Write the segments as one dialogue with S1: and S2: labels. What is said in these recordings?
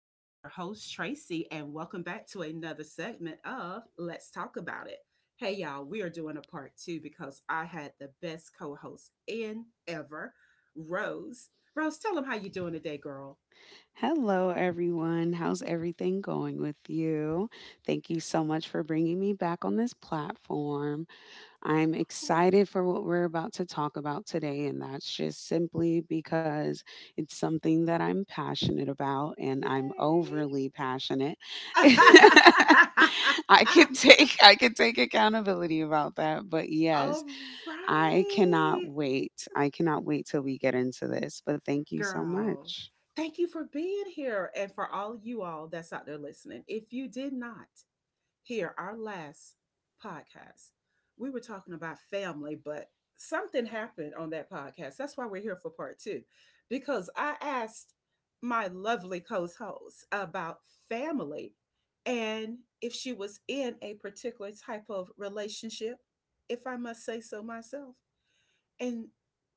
S1: I am your host, Tracy, and welcome back to another segment of Let's Talk About It. Hey, y'all, we are doing a part two because I had the best co host in ever, Rose. Rose, tell them how you doing today, girl.
S2: Hello, everyone. How's everything going with you? Thank you so much for bringing me back on this platform. I'm
S1: Oh,
S2: excited for what we're about to talk about today, and that's just simply because it's something that I'm passionate about and I'm
S1: yay.
S2: overly passionate. I could take I could take accountability about that, but yes,
S1: All
S2: I cannot
S1: right.
S2: wait. I cannot wait till we get into this. But thank you so
S1: Girl,
S2: much.
S1: thank you for being here and for all you all that's out there listening. If you did not hear our last podcast, we were talking about family, but something happened on that podcast. That's why we're here for part two, because I asked my lovely co host about family and if she was in a particular type of relationship, if I must say so myself and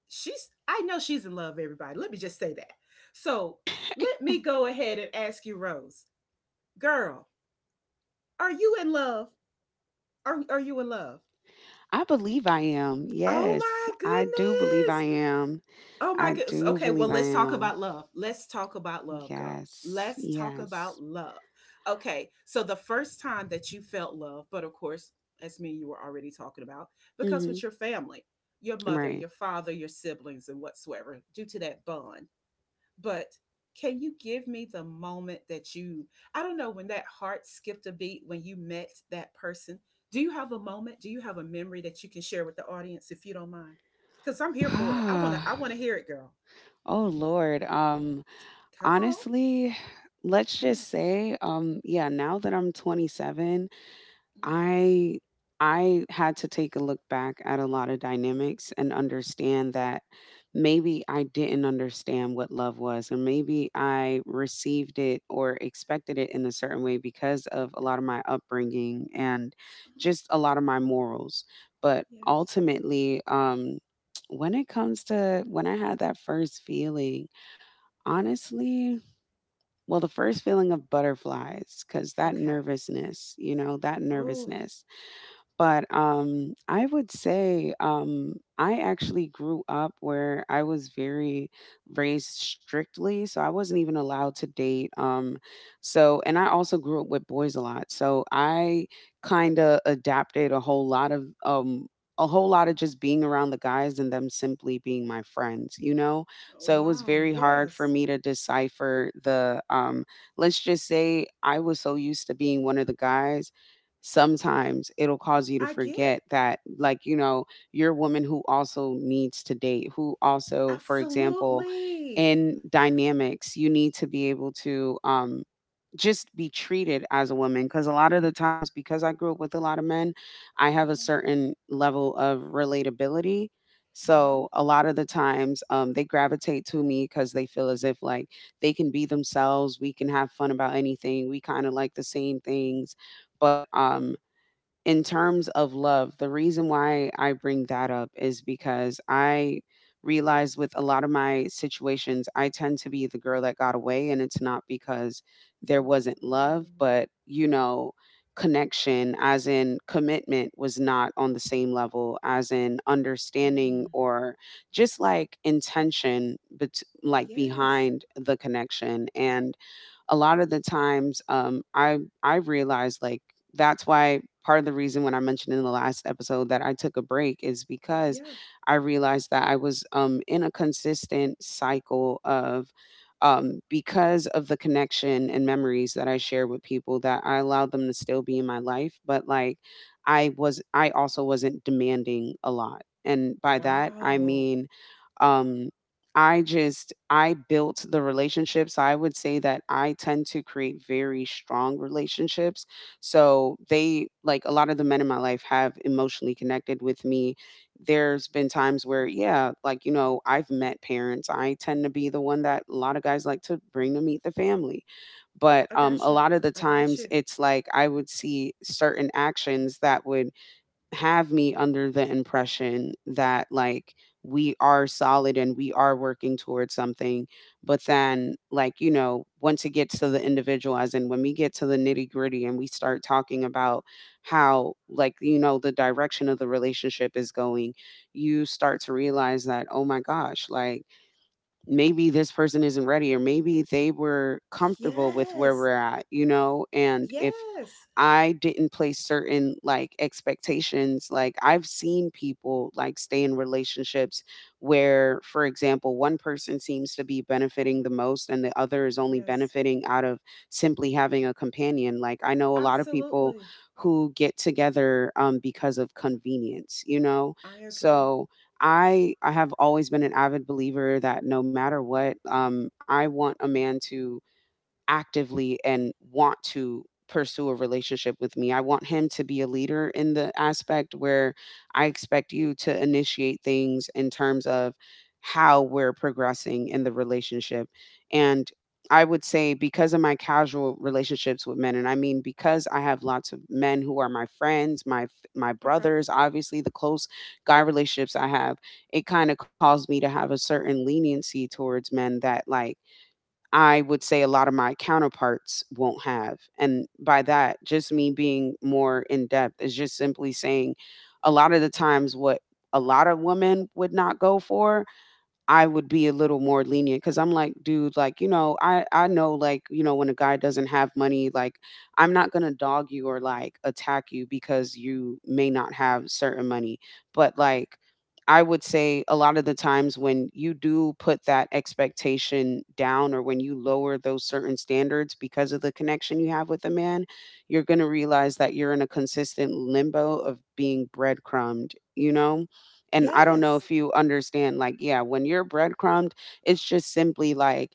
S1: she's I know she's in love everybody. Let me just say that. So let me go ahead and ask you, Rose, girl, are you in love? Are you in love?
S2: I believe I am.
S1: Oh
S2: Yes,
S1: my
S2: I do believe
S1: goodness.
S2: I am.
S1: Oh my
S2: I
S1: goodness.
S2: do
S1: Okay, well,
S2: believe I
S1: let's talk
S2: am.
S1: about love. Let's talk about love, girl.
S2: Yes,
S1: Let's talk
S2: yes.
S1: about love. Okay, so the first time that you felt love, but of course, as me, you were already talking about, because
S2: Mm-hmm.
S1: with your family, your
S2: I'm
S1: mother,
S2: right.
S1: your father, your siblings, and whatsoever, due to that bond. But can you give me the moment that you, I don't know, when that heart skipped a beat when you met that person? Do you have a moment? Do you have a memory that you can share with the audience, if you don't mind, because I'm here for it. i want to i want to hear it, girl.
S2: Oh, Lord.
S1: Come on.
S2: Honestly, let's just
S1: Yes.
S2: say. Yeah. Now that I'm 27.
S1: Mm,
S2: I I had to take a look back at a lot of dynamics and understand that maybe I didn't understand what love was, or maybe I received it or expected it in a certain way because of a lot of my upbringing and
S1: uh
S2: just a lot of my morals. But
S1: yes.
S2: ultimately, when it comes to when I had that first feeling,
S1: Uh-huh.
S2: honestly, well, the first feeling of butterflies, because that
S1: Okay.
S2: nervousness, that
S1: Oh,
S2: nervousness. But I would say I actually grew up where I was very raised strictly, so I wasn't even allowed to date. So, and I also grew up with boys a lot, so I kind of adapted a whole lot of a whole lot of just being around the guys and them simply being my friends. So it was
S1: wow,
S2: very hard for
S1: yes.
S2: me to decipher the. Let's just say I was so used to being one of the guys, sometimes it'll cause
S1: I
S2: you to
S1: get it.
S2: forget that, like, you're a woman who also needs to date, who also, for example,
S1: Absolutely.
S2: in dynamics, you need to be able to just be treated as a woman, because a lot of the times, because I grew up with a lot of men, I have a
S1: Uh-huh.
S2: certain level of relatability. So
S1: Uh-huh.
S2: a lot of the times they gravitate to me because they feel as if like they can be themselves. We can have fun about anything. We kind of like the same things. But in terms of love, the reason why I bring that up is because I realize with a lot of my situations, I tend to be the girl that got away. And it's not because there wasn't
S1: Oh.
S2: love, but, you know, connection, as in commitment, was not on the same level, as in understanding
S1: Mm,
S2: or just like intention, but like
S1: yes.
S2: behind the connection. And a lot of the times, I realized, like, that's why part of the reason when I mentioned in the last episode that I took a break is because
S1: Yeah.
S2: I realized that I was, in a consistent cycle of because of the connection and memories that I share with people that I allowed them to still be in my life, but like, I also wasn't demanding a lot. And by that I
S1: Wow.
S2: mean um I just I built the relationships. I would say that I tend to create very strong relationships. So they, like a lot of the men in my life, have emotionally connected with me. There's been times where, yeah, like, you know, I've met parents. I tend to be the one that a lot of guys like to bring to meet the family.
S1: I
S2: But
S1: got you.
S2: a lot
S1: I
S2: of the
S1: got you.
S2: times it's like I would see certain actions that would have me under the impression that, like, we are solid and we are working towards something. But then, like, you know, once it gets to the individual, as in when we get to the nitty gritty and we start talking about how, like, you know, the direction of the relationship is going, you start to realize that, oh my gosh, like, maybe this person isn't ready, or maybe they were comfortable with where
S1: Yes.
S2: we're at, you know? And if
S1: Yes.
S2: I didn't place certain, like, expectations. Like, I've seen people, like, stay in relationships where, for example, one person seems to be benefiting the most and the other is only
S1: Yes.
S2: benefiting out of simply having a companion. Like, I know a lot of people
S1: Absolutely.
S2: who get together because of convenience, you know?
S1: I agree.
S2: So I have always been an avid believer that, no matter what, I want a man to actively and want to pursue a relationship with me. I want him to be a leader, in the aspect where I expect you to initiate things in terms of how we're progressing in the relationship. And I would say, because of my casual relationships with men, and I mean, because I have lots of men who are my friends, my
S1: Okay.
S2: brothers, obviously the close guy relationships I have, it kind of caused me to have a certain leniency towards men that, like, I would say a lot of my counterparts won't have. And by that, just me being more in depth is just simply saying, a lot of the times what a lot of women would not go for, I would be a little more lenient, because I'm like, dude, like, you know, I know, like, you know, when a guy doesn't have money, like, I'm not going to dog you or, like, attack you because you may not have certain money. But, like, I would say a lot of the times when you do put that expectation down, or when you lower those certain standards because of the connection you have with a man, you're going to realize that you're in a consistent limbo of being breadcrumbed, you know? And I don't know
S1: Yes.
S2: if you understand, like, yeah, when you're breadcrumbed, it's just simply like,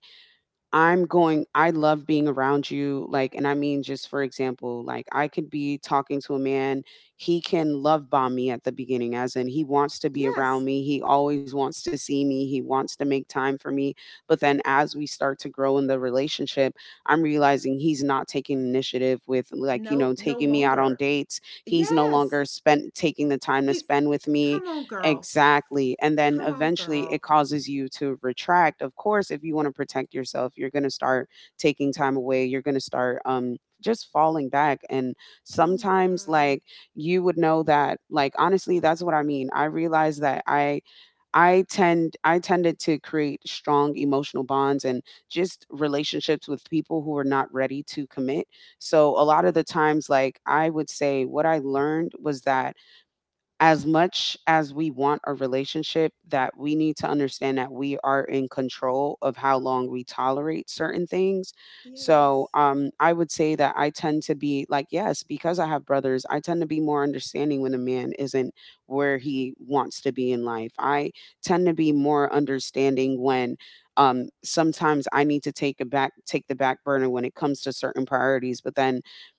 S2: I'm going, I love being around you. Like, and I mean, just for example, like, I could be talking to a man, he can love bomb me at the beginning, as in he wants to be around
S1: Yes.
S2: me. He always wants to see me. He wants to make time for me. But then, as we start to grow in the relationship, I'm realizing he's not taking initiative with, like, you
S1: No,
S2: know,
S1: no
S2: taking me out on
S1: longer.
S2: dates. He's no
S1: Yes.
S2: longer spent taking the time to
S1: He's
S2: spend with me.
S1: come on girl.
S2: Exactly. And then
S1: Come on
S2: eventually it
S1: girl.
S2: causes you to retract. Of course, if you want to protect yourself, you're going to start taking time away. You're going to start just falling back. And
S1: Oh my
S2: sometimes,
S1: god.
S2: like, you would know that, like, honestly, that's what I mean. I realize that I tended to create strong emotional bonds and just relationships with people who are not ready to commit. So a lot of
S1: Yeah.
S2: the times, like, I would say what I learned was that, as much as we want a relationship, that we need to understand that we are in control of how long we tolerate certain things. So
S1: Yes.
S2: I would say that I tend to be, like, yes, because I have brothers, I tend to be more understanding when a man isn't where he wants to be in life. I tend to be more understanding when sometimes I need to take the back burner when it comes to certain priorities. But then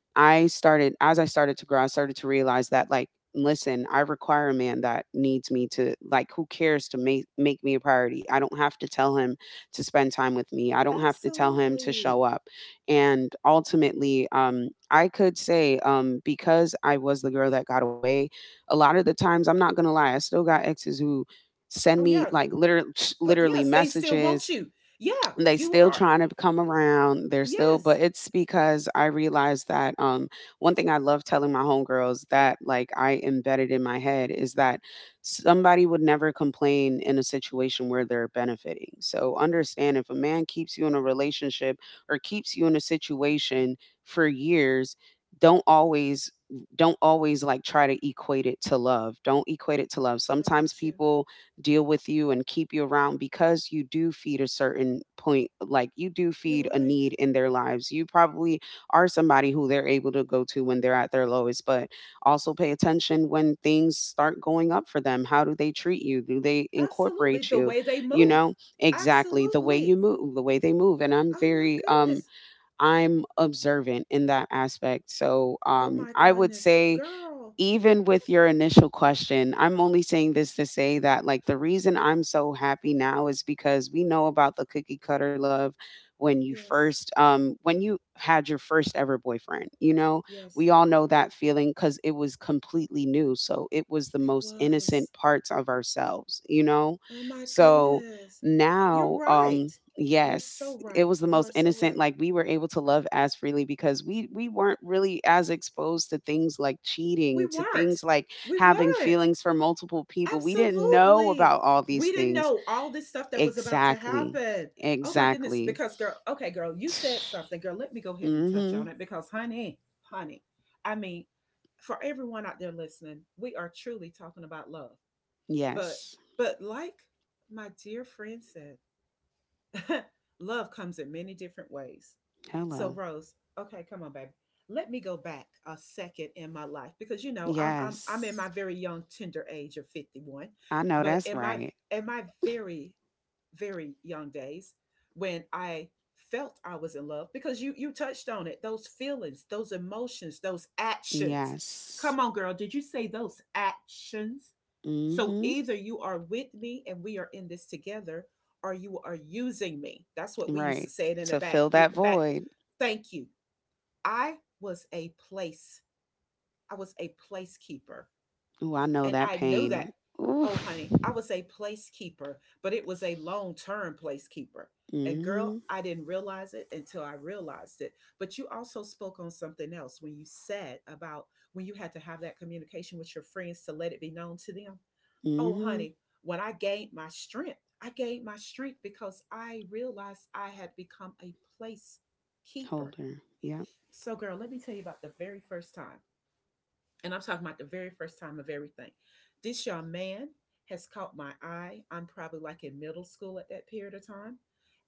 S2: I started, as I started to grow, I started to realize that, like, listen, I require a man that needs me to, like, who cares to make me a priority. I don't have to tell him to spend time with me. I don't have to tell him to show
S1: Absolutely.
S2: up. And ultimately, I could say because I was the girl that got away, a lot of the times, I'm not going to lie, I still got exes who send
S1: Oh
S2: me,
S1: yeah.
S2: like, literally
S1: But
S2: literally
S1: yes, they still want
S2: messages.
S1: you. Yeah,
S2: They
S1: you
S2: still
S1: are
S2: trying to come around. But
S1: yes.
S2: it's because I realized that, one thing I love telling my homegirls that, like, I embedded in my head is that somebody would never complain in a situation where they're benefiting. So understand, if a man keeps you in a relationship or keeps you in a situation for years, don't always don't always, like, try to equate it to love. Don't equate it to love.
S1: I
S2: Sometimes
S1: got you.
S2: people deal with you and keep you around because you do feed a certain point, like, you do
S1: You're
S2: feed a
S1: right.
S2: need in their lives. You probably are somebody who they're able to go to when they're at their lowest, but also pay attention when things start going up for them. How do they treat you? Do they
S1: Absolutely.
S2: incorporate
S1: The
S2: you?
S1: way they
S2: You know,
S1: move.
S2: exactly, the way you
S1: Absolutely.
S2: move, the way they move. And I'm
S1: Oh my
S2: very
S1: goodness.
S2: I'm observant in that aspect. So
S1: Oh my
S2: I would
S1: goodness.
S2: say
S1: Girl.
S2: even with your initial question, I'm only saying this to say that, like, the reason I'm so happy now is because we know about the cookie cutter love
S1: Yes.
S2: when you had your first ever boyfriend.
S1: Yes.
S2: We all know that feeling because it was completely new. So it was the
S1: It
S2: most
S1: was.
S2: innocent parts of ourselves, you know?
S1: Oh my
S2: So
S1: goodness. You're
S2: now.
S1: right. You're
S2: Yes,
S1: so
S2: it
S1: right.
S2: was the
S1: You
S2: most
S1: are so
S2: innocent,
S1: right.
S2: like, we were able to love as freely because we weren't really as exposed to things like
S1: We
S2: cheating, to things
S1: weren't.
S2: like
S1: We
S2: having
S1: weren't.
S2: feelings for multiple people. We didn't know
S1: Absolutely.
S2: about all these
S1: We didn't
S2: things.
S1: know all this stuff that was about to
S2: Exactly,
S1: happen. Oh my goodness.
S2: exactly.
S1: Because, girl, okay, girl, you said something. Girl, let me go ahead and touch on
S2: Mhm.
S1: it because, honey, honey, I mean, for everyone out there listening, we are truly talking about love. But
S2: Yes.
S1: but like my dear friend said, love comes in many different ways. So
S2: Hello.
S1: Rose, okay, come on, baby. Let me go back a second in my life because you know I'm in my
S2: Yes.
S1: very young tender age of 51,
S2: I know
S1: but
S2: that's right.
S1: in my very very young days when I felt I was in love because you touched on it, those feelings, those emotions, those actions.
S2: Yes.
S1: Come on girl, did you say those actions? So
S2: Mhm.
S1: either you are with me and we are in this together or you are using me. That's what we used to
S2: Right.
S1: say it in the
S2: To
S1: back
S2: fill that
S1: back.
S2: void.
S1: Thank you. I was a place, I was a placekeeper,
S2: Ooh, I know
S1: and
S2: that
S1: I know
S2: pain.
S1: that, oh,
S2: Oof.
S1: honey, I was a placekeeper, but it was a long term placekeeper. And girl,
S2: Mhm.
S1: I didn't realize it until I realized it. But you also spoke on something else when you said about when you had to have that communication with your friends to let it be known to them. Oh,
S2: Mhm.
S1: honey, when I gained my strength, I gained my strength because I realized I had become a place keeper.
S2: Holder. Yep.
S1: So, girl, let me tell you about the very first time, and I'm talking about the very first time of everything. This young man has caught my eye. I'm probably like in middle school at that period of time,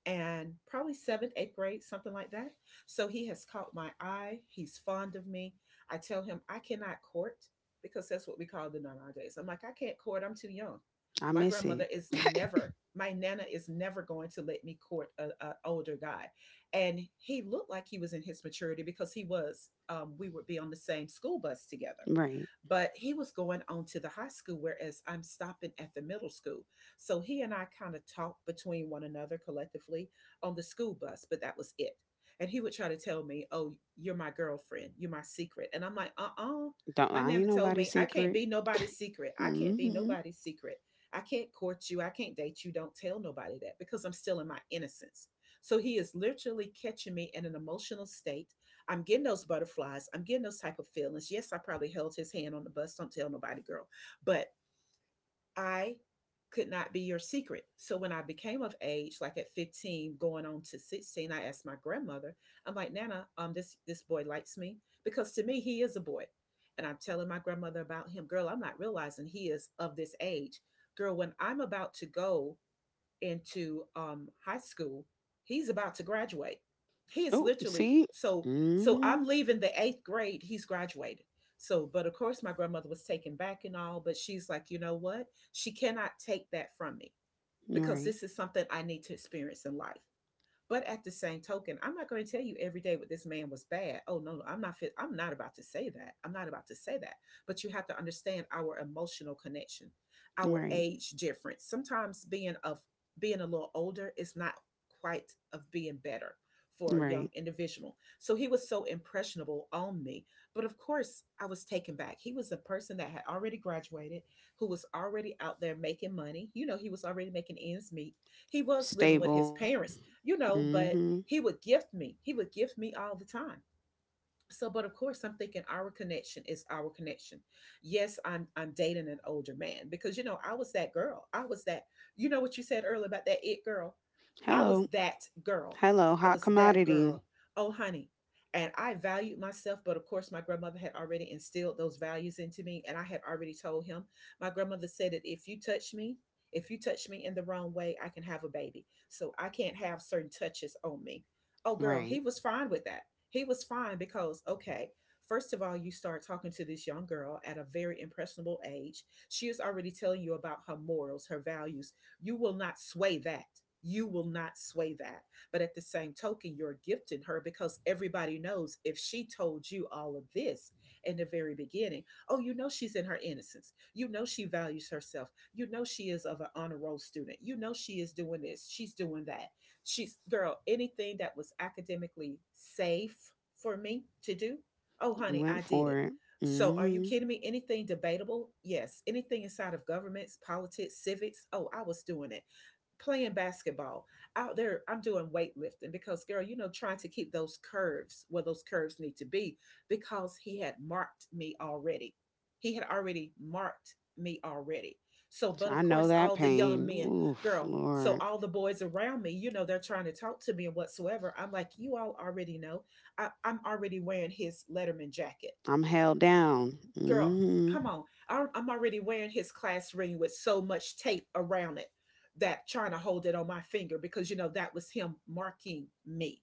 S1: and probably seventh, eighth grade, something like that. So he has caught my eye. He's fond of me. I tell him I cannot court because that's what we call them nowadays. I'm like, I can't court. I'm too young.
S2: I
S1: My
S2: miss
S1: grandmother
S2: it.
S1: is never, my nana is never going to let me court an older guy. And he looked like he was in his maturity because he was, we would be on the same school bus together
S2: Right.
S1: but he was going on to the high school, whereas I'm stopping at the middle school. So he and I kind of talked between one another collectively on the school bus, but that was it. And he would try to tell me, oh, you're my girlfriend, you're my secret. And I'm like, uh uh.
S2: Don't.
S1: My
S2: I
S1: nana
S2: ain't
S1: told me,
S2: nobody's
S1: I can't
S2: secret.
S1: be nobody's secret. I can't be
S2: Mhm.
S1: nobody's secret. I can't court you. I can't date you. Don't tell nobody that because I'm still in my innocence. So he is literally catching me in an emotional state. I'm getting those butterflies. I'm getting those type of feelings. Yes, I probably held his hand on the bus. Don't tell nobody, girl. But I could not be your secret. So when I became of age, like at 15, going on to 16, I asked my grandmother, I'm like, Nana, this boy likes me because to me he is a boy. And I'm telling my grandmother about him. Girl, I'm not realizing he is of this age. Girl, when I'm about to go into high school. He's about to graduate. He is
S2: Oh,
S1: literally
S2: see?
S1: so. So
S2: Mhm.
S1: I'm leaving the eighth grade. He's graduated. So, but of course, my grandmother was taken back and all. But she's like, you know what? She cannot take that from me because
S2: Right.
S1: this is something I need to experience in life. But at the same token, I'm not going to tell you every day what this man was bad. Oh no, no, I'm not fit. I'm not about to say that. I'm not about to say that. But you have to understand our emotional connection, our
S2: Right.
S1: age difference. Sometimes being of being a little older is not quite of being better for a young
S2: Right.
S1: individual. So he was so impressionable on me. But of course, I was taken back. He was a person that had already graduated, who was already out there making money. You know, he was already making ends meet. He was living with his
S2: Stable.
S1: parents, you know,
S2: Mhm.
S1: but he would gift me. He would gift me all the time. So but of course I'm thinking our connection is our connection. Yes, I'm dating an older man because you know I was that girl, I was that, you know what you said earlier about that it girl, I was
S2: Hello.
S1: that girl,
S2: Hello,
S1: I
S2: hot
S1: was that
S2: commodity.
S1: girl, oh honey, and I valued myself. But of course my grandmother had already instilled those values into me, and I had already told him my grandmother said that if you touch me in the wrong way I can have a baby, so I can't have certain touches on me. Oh girl, he
S2: Right.
S1: was fine with that. He was fine because, okay, first of all, you start talking to this young girl at a very impressionable age. She is already telling you about her morals, her values. You will not sway that. You will not sway that. But at the same token, you're gifting her because everybody knows if she told you all of this in the very beginning, oh, you know she's in her innocence. You know she values herself. You know she is of an honor roll student. You know she is doing this. She's doing that. She's girl, anything that was academically safe for me to do, oh
S2: You
S1: honey, I
S2: went
S1: did
S2: for
S1: it.
S2: it.
S1: So are you
S2: Mhm.
S1: kidding me? Anything debatable? Yes. Anything inside of governments, politics, civics, oh, I was doing it. Playing basketball out there, I'm doing weightlifting because, girl, you know, trying to keep those curves where those curves need to be because he had marked me already. He had already marked me already. So,
S2: So
S1: but
S2: I
S1: of
S2: know
S1: course,
S2: that
S1: all the young
S2: pain.
S1: men,
S2: Oof,
S1: girl, so
S2: Lord.
S1: all the boys around me, you know, they're trying to talk to me and whatsoever. I'm like, you all already know I'm already wearing his letterman jacket.
S2: I'm held down.
S1: Girl, come
S2: Mhm.
S1: on, I'm already wearing his class ring with so much tape around it that trying to hold it on my finger, because you know that was him marking me.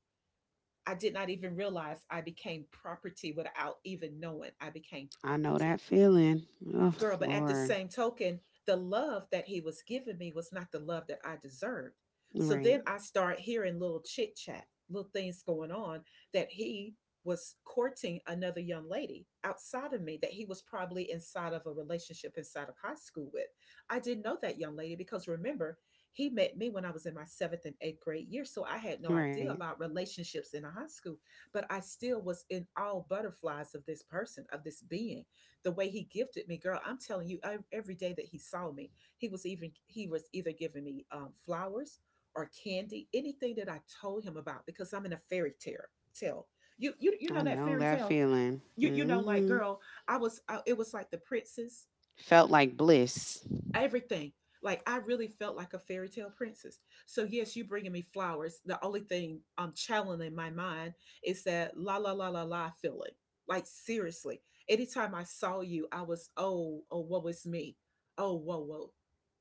S1: I did not even realize I became property without even knowing I became
S2: I know that
S1: property.
S2: feeling. Oh,
S1: Girl, but at the
S2: Lord.
S1: same token, the love that he was giving me was not the love that I deserved. So
S2: Right.
S1: then I start hearing little chit chat, little things going on, that he was courting another young lady outside of me, that he was probably inside of a relationship inside of high school with. I didn't know that young lady because, remember, he met me when I was in my seventh and eighth grade year, so I had no
S2: Right.
S1: idea about relationships in a high school. But I still was in all butterflies of this person, of this being. The way he gifted me, girl, I'm telling you, I, every day that he saw me, he was either giving me flowers or candy, anything that I told him about, because I'm in a fairy tale. Tale, you you
S2: I
S1: you know
S2: know
S1: that
S2: that
S1: fairy tale.
S2: feeling.
S1: You know,
S2: Hmm.
S1: like, girl, it was like the princess
S2: Felt like bliss.
S1: everything. Like, I really felt like a fairy tale princess. So yes, you bringing me flowers. The only thing I'm channeling my mind is that la la la la la feeling. Like, seriously, anytime I saw you, I was, oh, oh, woe is me, oh, whoa, whoa.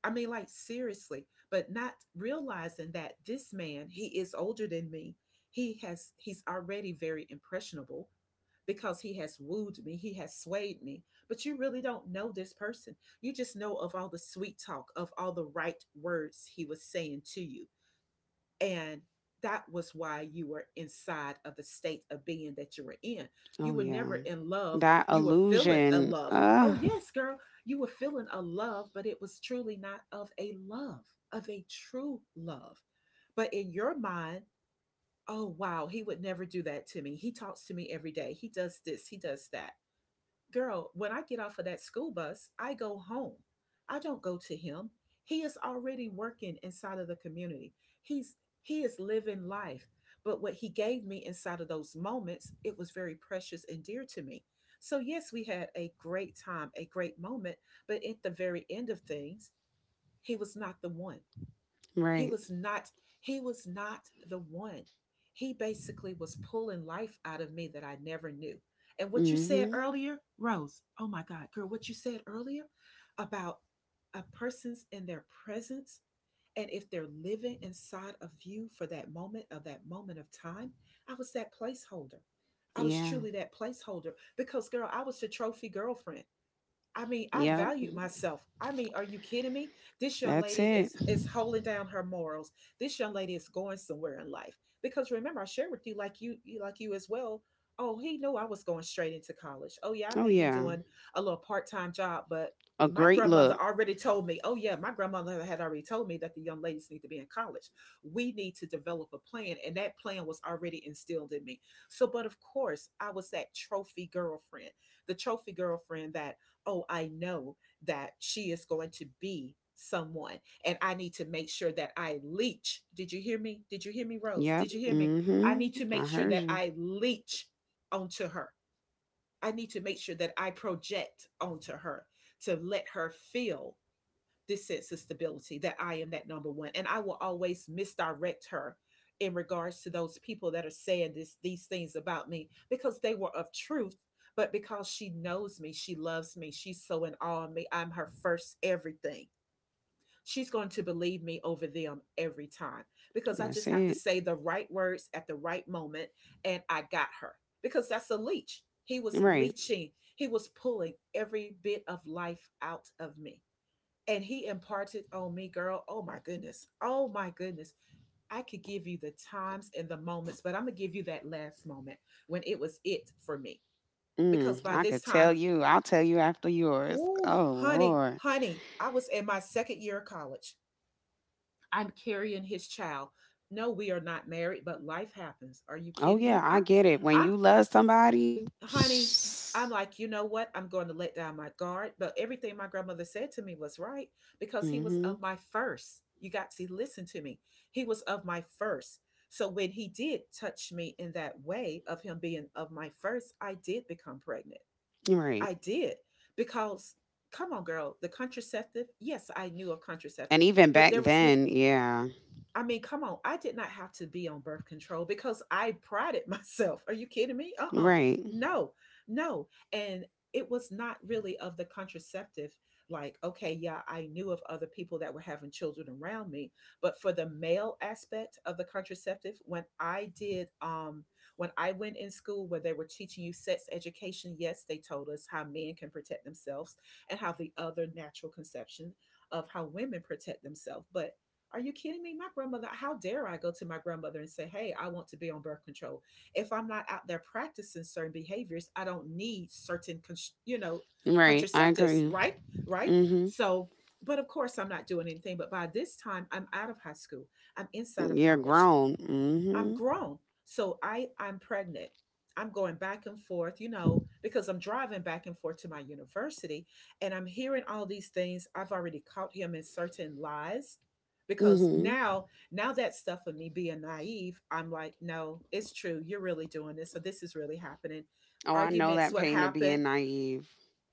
S1: I mean, like, seriously, but not realizing that this man, he is older than me. He's already very impressionable, because he has wooed me, he has swayed me. But you really don't know this person. You just know of all the sweet talk, of all the right words he was saying to you. And that was why you were inside of the state of being that you were in. You
S2: Oh
S1: were
S2: yeah.
S1: never in love.
S2: That
S1: You were feeling a
S2: illusion.
S1: love. Oh,
S2: Uh
S1: yes, girl, you were feeling a love, but it was truly not of a love, of a true love. But in your mind, oh, wow, he would never do that to me. He talks to me every day. He does this, he does that. Girl, when I get off of that school bus, I go home. I don't go to him. He is already working inside of the community. He's he is living life. But what he gave me inside of those moments, it was very precious and dear to me. So yes, we had a great time, a great moment, but at the very end of things, he was not the one. He
S2: right.
S1: was not he was not the one. He basically was pulling life out of me that I never knew. And what you said
S2: Hmm.
S1: earlier, Rose, oh my God, girl, what you said earlier about a person's in their presence, and if they're living inside of you for that moment, I was that placeholder. I was
S2: Yeah.
S1: truly that placeholder, because girl, I was the trophy girlfriend. I mean, I
S2: Yep.
S1: valued myself. I mean, are you kidding me? This young
S2: That's
S1: lady is
S2: it.
S1: is holding down her morals. This young lady is going somewhere in life. Because, remember, I shared with you, like you, like you as well. Oh, he knew I was going straight into college. Oh yeah, I
S2: Oh
S1: may be
S2: yeah.
S1: doing a little part time job, but
S2: A
S1: my
S2: great
S1: grandmother
S2: look.
S1: already told me. Oh yeah, my grandmother had already told me that the young ladies need to be in college. We need to develop a plan, and that plan was already instilled in me. So, but of course, I was that trophy girlfriend, the trophy girlfriend that, oh, I know that she is going to be someone, and I need to make sure that I leech. Did you hear me? Did you hear me, Rose?
S2: Yep.
S1: Did you hear me?
S2: Hmm.
S1: I need
S2: I
S1: to make
S2: heard
S1: sure
S2: you.
S1: that I leech onto her. I need to make sure that I project onto her, to let her feel this sense of stability, that I am that number one. And I will always misdirect her in regards to those people that are saying this these things about me, because they were of truth, but because she knows me, she loves me, she's so in awe of me. I'm her first everything. She's going to believe me over them every time, because I
S2: That's
S1: just have to
S2: it.
S1: say the right words at the right moment, and I got her. Because that's a leech. He was
S2: Right.
S1: leeching, he was pulling every bit of life out of me, and he imparted on me, girl. Oh my goodness. Oh my goodness. I could give you the times and the moments, but I'm going to give you that last moment when it was it for me. Because
S2: Mm,
S1: by
S2: I
S1: this
S2: could tell
S1: time,
S2: you. I'll tell you after yours.
S1: ooh,
S2: Oh
S1: honey,
S2: Lord.
S1: honey, I was in my second year of college. I'm carrying his child. No, we are not married, but life happens. Are you
S2: Oh
S1: kidding
S2: yeah,
S1: me?
S2: I
S1: I'm
S2: get it. When
S1: I'm
S2: you love somebody,
S1: honey, I'm like, you know what? I'm going to let down my guard. But everything my grandmother said to me was right, because he was
S2: Hmm.
S1: of my first. You got to listen to me. He was of my first. So when he did touch me in that way of him being of my first, I did become pregnant.
S2: Right.
S1: I did, because, come on, girl, the contraceptive, yes, I knew of
S2: And
S1: contraceptive,
S2: even
S1: but
S2: back then, yeah.
S1: I mean, come on, I did not have to be on birth control because I prided myself. Are you kidding me? Uh.
S2: Right.
S1: No, no. And it was not really of the contraceptive. Like, okay, yeah, I knew of other people that were having children around me. But for the male aspect of the contraceptive, when when I went in school where they were teaching you sex education, yes, they told us how men can protect themselves and how the other natural conception of how women protect themselves. But are you kidding me? My grandmother, how dare I go to my grandmother and say, hey, I want to be on birth control? If I'm not out there practicing certain behaviors, I don't need certain, you know,
S2: Right. I
S1: contraceptives,
S2: agree.
S1: right? Right?
S2: Mhm.
S1: So, but of course, I'm not doing anything. But by this time, I'm out of high school, I'm inside of
S2: You're
S1: college.
S2: grown.
S1: I'm
S2: Mhm.
S1: grown. So I'm pregnant. I'm going back and forth, you know, because I'm driving back and forth to my university, and I'm hearing all these things. I've already caught him in certain lies, because
S2: Mhm.
S1: now that stuff of me being naive, I'm like, no, it's true. You're really doing this. So this is really happening.
S2: Oh, I know that
S1: Arguments, what
S2: pain of being
S1: happened?
S2: naive.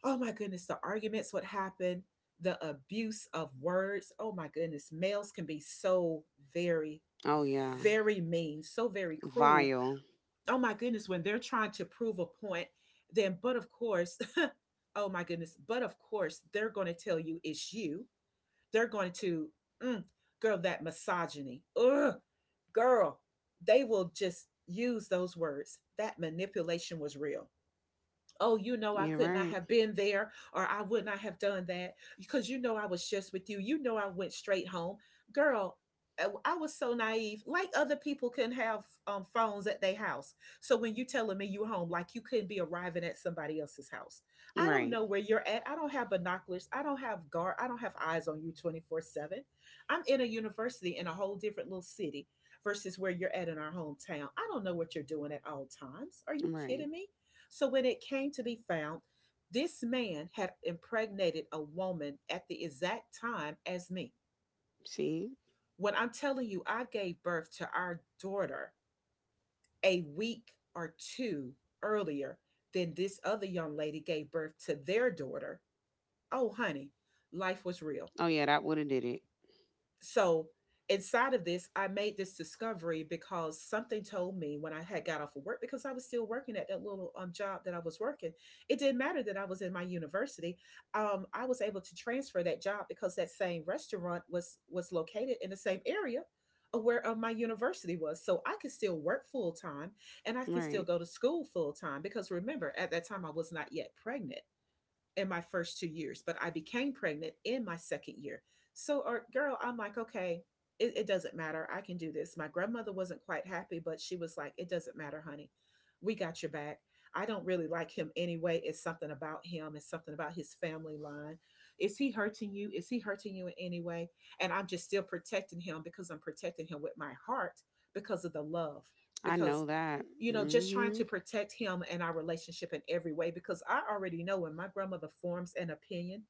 S1: Oh my goodness, the arguments would happen, the abuse of words. Oh my goodness, males can be so very,
S2: Oh yeah.
S1: very mean, so very cruel.
S2: Vile.
S1: Oh my goodness, when they're trying to prove a point, then, but of course, oh my goodness, but of course, they're going to tell you it's you. They're going to, mm, girl, that misogyny. Ugh, girl, they will just use those words. That manipulation was real. Oh, you know, I
S2: You're
S1: could not
S2: right.
S1: have been there, or I would not have done that, because you know I was just with you. You know, I went straight home. Girl, I was so naive. Like, other people can have phones at their house. So when you telling me you home, like, you couldn't be arriving at somebody else's house. I don't
S2: Right.
S1: know where you're at. I don't have binoculars. I don't have guard. I don't have eyes on you 24/7. I'm in a university in a whole different little city versus where you're at in our hometown. I don't know what you're doing at all times. Are you
S2: Right.
S1: kidding me? So when it came to be found, this man had impregnated a woman at the exact time as me.
S2: See?
S1: When I'm telling you, I gave birth to our daughter a week or two earlier than this other young lady gave birth to their daughter. Oh, honey, life was real.
S2: Oh yeah, that would have did it.
S1: So inside of this I made this discovery, because something told me when I had got off of work, because I was still working at that little job that I was working. It didn't matter that I was in my university. I was able to transfer that job because that same restaurant was located in the same area of where my university was, so I could still work full time and I can still
S2: Right.
S1: go to school full time, because, remember, at that time I was not yet pregnant in my first 2 years, but I became pregnant in my second year. So, or girl, I'm like, okay, it doesn't matter. I can do this. My grandmother wasn't quite happy, but she was like, it doesn't matter, honey. We got your back. I don't really like him anyway. It's something about him. It's something about his family line. Is he hurting you? Is he hurting you in any way? And I'm just still protecting him because I'm protecting him with my heart, because of the love.
S2: I know
S1: Because,
S2: that.
S1: you know, just trying
S2: Mhm.
S1: to protect him and our relationship in every way, because I already know, when my grandmother forms an opinion,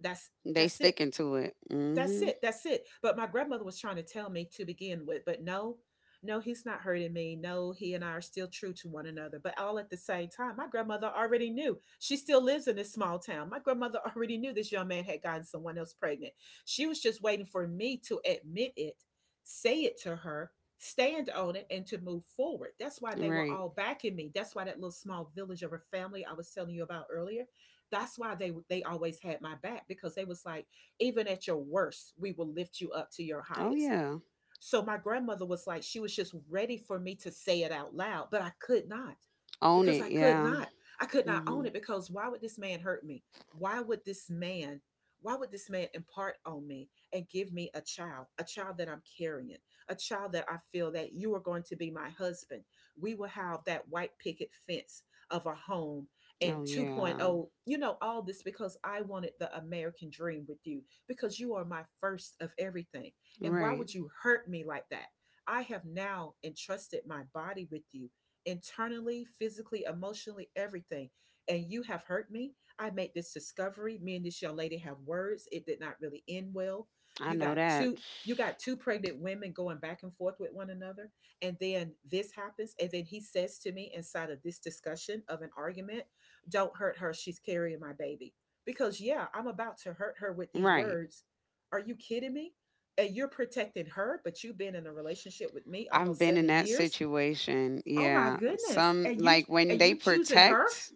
S1: that's
S2: They
S1: that's it.
S2: sticking to it.
S1: That's
S2: Mhm.
S1: it. That's it. But my grandmother was trying to tell me to begin with, but no, no, he's not hurting me. No, he and I are still true to one another. But all at the same time, my grandmother already knew. She still lives in this small town. My grandmother already knew this young man had gotten someone else pregnant. She was just waiting for me to admit it, say it to her, stand on it, and to move forward. That's why they were
S2: Right.
S1: all backing me. That's why that little small village of a family I was telling you about earlier, that's why they always had my back because they was like, even at your worst, we will lift you up to your
S2: Oh
S1: highest.
S2: yeah.
S1: So my grandmother was like, she was just ready for me to say it out loud, but I could not
S2: Own
S1: because
S2: it.
S1: I could
S2: Yeah.
S1: not. I could not own
S2: Mhm.
S1: it because why would this man hurt me? Why would this man, why would this man impart on me and give me a child that I'm carrying, a child that I feel that you are going to be my husband? We will have that white picket fence of a home and
S2: Oh yeah.
S1: 2.0, you know, all this because I wanted the American dream with you because you are my first of everything. And why
S2: Right.
S1: would you hurt me like that? I have now entrusted my body with you internally, physically, emotionally, everything. And you have hurt me. I made this discovery. Me and this young lady have words. It did not really end well.
S2: I
S1: You
S2: know
S1: got
S2: that.
S1: two you got two pregnant women going back and forth with one another. And then this happens. And then he says to me inside of this discussion of an argument, don't hurt her. She's carrying my baby. Because yeah, I'm about to hurt her with these
S2: Right.
S1: words. Are you kidding me? And you're protecting her, but you've been in a relationship with me
S2: I've
S1: almost
S2: been in
S1: seven
S2: that
S1: years.
S2: situation.
S1: Oh my
S2: Yeah.
S1: goodness.
S2: Some like when
S1: And
S2: they
S1: you choosing her?
S2: protect,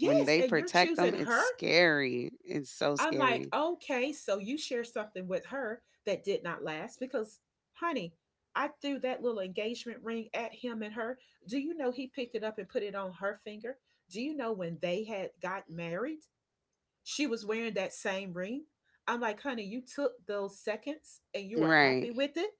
S1: and you're
S2: them,
S1: choosing
S2: it's
S1: her.
S2: scary. It's so
S1: I'm like,
S2: scary.
S1: okay, so you share something with her that did not last because, honey, I threw that little engagement ring at him and her. Do you know he picked it up and put it on her finger? Do you know when they had got married, she was wearing that same ring? I'm like, honey, you took those seconds and you were happy
S2: Right.
S1: with it.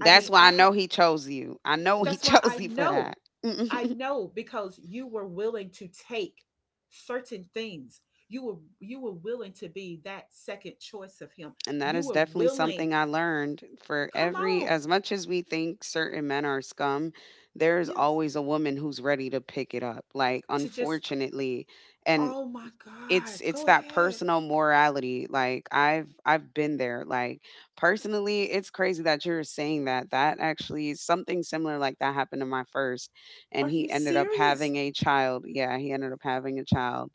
S1: I mean,
S2: why
S1: I
S2: I
S1: had.
S2: know he chose you. I know he
S1: That's why I
S2: chose you for
S1: know.
S2: that.
S1: I
S2: And
S1: know because you were willing to take certain things. You were willing to be that second choice of him.
S2: that
S1: You
S2: is
S1: were
S2: definitely
S1: willing.
S2: something I learned, for
S1: Come
S2: every
S1: on.
S2: as much as we think certain men are scum, there's
S1: Yes.
S2: always a woman who's ready to pick it up. Like
S1: To just,
S2: unfortunately, and
S1: oh my
S2: it's
S1: god.
S2: it's
S1: Go
S2: that
S1: ahead.
S2: personal morality. Like I've been there. Like personally, it's crazy that you're saying that. That actually is something similar, like that happened to my first, and
S1: Are you
S2: he ended up
S1: serious,
S2: having a child. Yeah, he ended up having a child.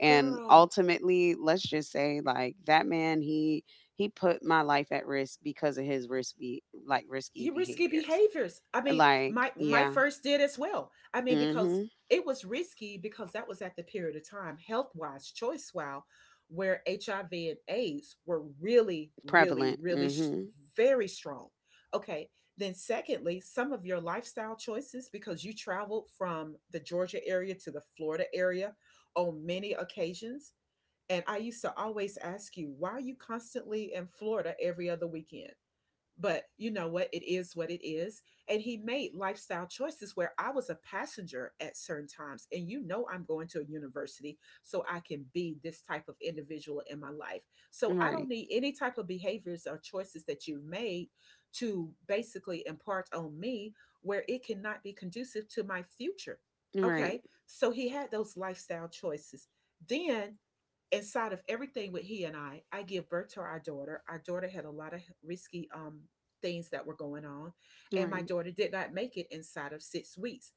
S2: And
S1: girl?
S2: ultimately, let's just say like that man, he put my life at risk because of his risky like risky
S1: Your risky
S2: behaviors.
S1: behaviors. I mean,
S2: Like,
S1: my
S2: yeah.
S1: first did as well. I
S2: Mm.
S1: mean, because
S2: Mhm.
S1: it was risky because that was at the period of time, health wise, choice wise, where HIV and AIDS were really, really,
S2: Prevalent.
S1: really
S2: Mm. Mhm.
S1: very strong. Okay. Then, secondly, some of your lifestyle choices because you traveled from the Georgia area to the Florida area on many occasions. And I used to always ask you, why are you constantly in Florida every other weekend? But you know what? It is what it is. And he made lifestyle choices where I was a passenger at certain times. And you know, I'm going to a university so I can be this type of individual in my life. So I don't
S2: Right.
S1: need any type of behaviors or choices that you've made to basically impart on me where it cannot be conducive to my future. Okay.
S2: Right.
S1: So he had those lifestyle choices. Then inside of everything with he and I give birth to our daughter. Our daughter had a lot of risky things that were going on. And my
S2: Right.
S1: daughter did not make it inside of 6 weeks,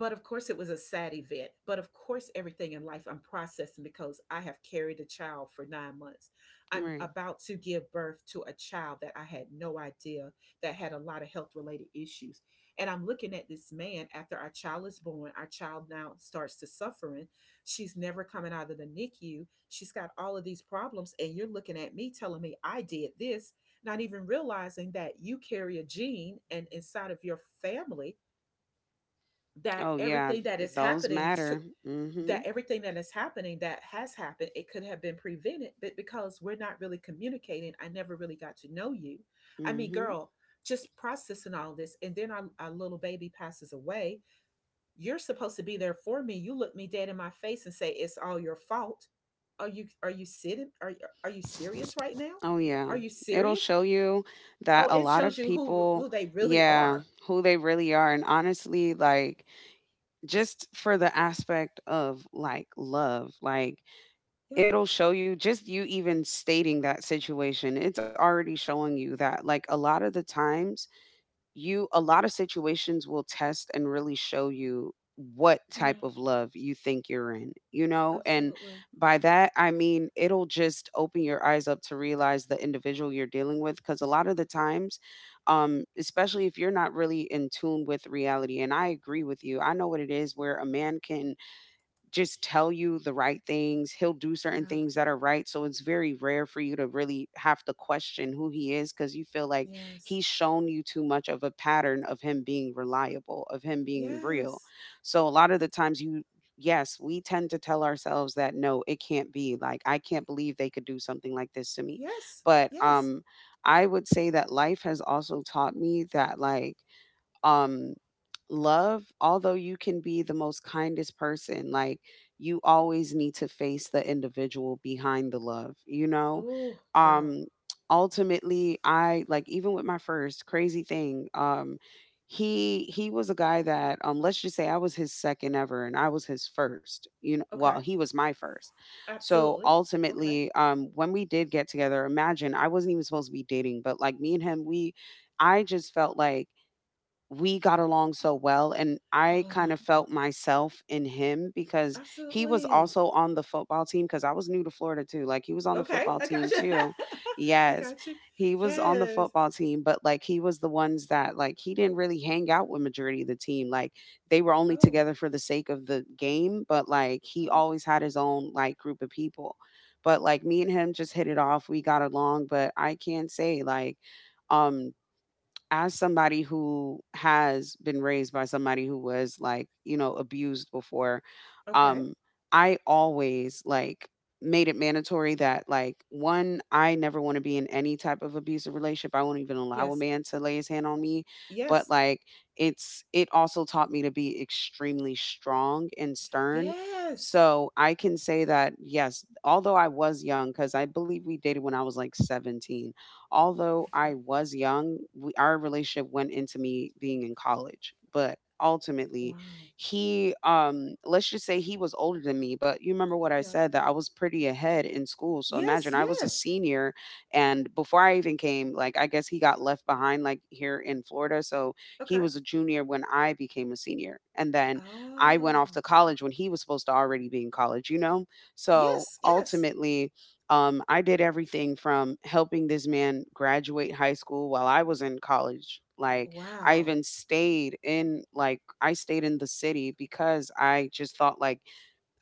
S1: but of course it was a sad event. But of course, everything in life I'm processing because I have carried a child for 9 months. I'm
S2: Right.
S1: about to give birth to a child that I had no idea that had a lot of health related issues. And I'm looking at this man after our child is born. Our child now starts to suffering. She's never coming out of the NICU. She's got all of these problems and you're looking at me telling me I did this, not even realizing that you carry a gene and inside of your family, that
S2: Oh
S1: everything
S2: yeah,
S1: that is
S2: those
S1: happening to
S2: matter.
S1: that
S2: Mhm.
S1: everything that is happening that has happened, it could have been prevented. But because we're not really communicating, I never really got to know you. I mean, girl,
S2: Mhm.
S1: just processing all this, and then our little baby passes away. You're supposed to be there for me. You look me dead in my face and say it's all your fault. are you are you sitting are, are you serious right
S2: Oh
S1: now?
S2: yeah.
S1: Are you
S2: It'll show
S1: serious?
S2: you that a
S1: Oh, it
S2: lot of
S1: shows you who
S2: people,
S1: who they really
S2: yeah,
S1: are.
S2: who they really are, and honestly, like, just for the aspect of like love, like
S1: Yeah.
S2: it'll show you, just you even stating that situation, it's already showing you that, like, a lot of the times, you a lot of situations will test and really show you what type
S1: Yeah.
S2: of love you think you're in, you know? And
S1: Absolutely.
S2: by that, I mean, it'll just open your eyes up to realize the individual you're dealing with. Cause a lot of the times, especially if you're not really in tune with reality, and I agree with you, I know what it is where a man can just tell you the right things. He'll do certain
S1: Yeah.
S2: things that are right. So it's very rare for you to really have to question who he is because you feel like
S1: Yes.
S2: he's shown you too much of a pattern of him being reliable, of him being real.
S1: Yes.
S2: So a lot of the times yes, we tend to tell ourselves that no, it can't be. Like, I can't believe they could do something like this to me.
S1: Yes.
S2: But
S1: Yes.
S2: I would say that life has also taught me that, like, um love, although you can be the most kindest person, like, you always need to face the individual behind the love, you know?
S1: Oh, girl.
S2: um Ultimately, I, like, even with my first crazy thing, he was a guy that, let's just say, I was his second ever and I was his first, you know, well,
S1: Okay.
S2: he was my first. So
S1: Absolutely. Okay.
S2: ultimately, when we did get together, imagine I wasn't even supposed to be dating, but like me and him, we I just felt like we got along so well, and I
S1: Oh
S2: kind
S1: my
S2: of felt
S1: goodness.
S2: myself in him because he was
S1: Absolutely.
S2: also on the football team, cuz I was new to Florida too. Like he was on the
S1: Okay.
S2: football
S1: I got
S2: team
S1: you.
S2: too.
S1: I
S2: Yes.
S1: got you.
S2: He was on the
S1: Yes.
S2: football team, but like he was the ones that like he didn't really hang out with majority of the team. Like they were only
S1: Oh.
S2: together for the sake of the game, but like he
S1: Um.
S2: always had his own like group of people. But like me and him just hit it off. We got along, but I can say, like, um as somebody who has been raised by somebody who was, like, abused before,
S1: Okay.
S2: um I always, like, made it mandatory that, like, one, I never want to be in any type of abusive relationship. I won't even allow a
S1: Yes.
S2: man to lay his hand on me. But
S1: Yes.
S2: like it also taught me to be extremely strong and stern.
S1: Yes.
S2: So I can say that yes, although I was young, because I believe we dated when I was like 17, although I
S1: Okay.
S2: was young, our relationship went into me being in college. But ultimately,
S1: Wow.
S2: let's just say he was older than me. But you remember what I
S1: Yeah.
S2: said, that I was pretty ahead in school. So
S1: Yes.
S2: imagine I was a
S1: Yes.
S2: senior, and before I even came, like I guess he got left behind, like here in Florida. So he
S1: Okay.
S2: was a junior when I became a senior, and then I
S1: Oh.
S2: went off to college when he was supposed to already be in college. So
S1: Yes. Yes.
S2: ultimately, I did everything from helping this man graduate high school while I was in college. Like
S1: Wow.
S2: I stayed in the city because I just thought, like,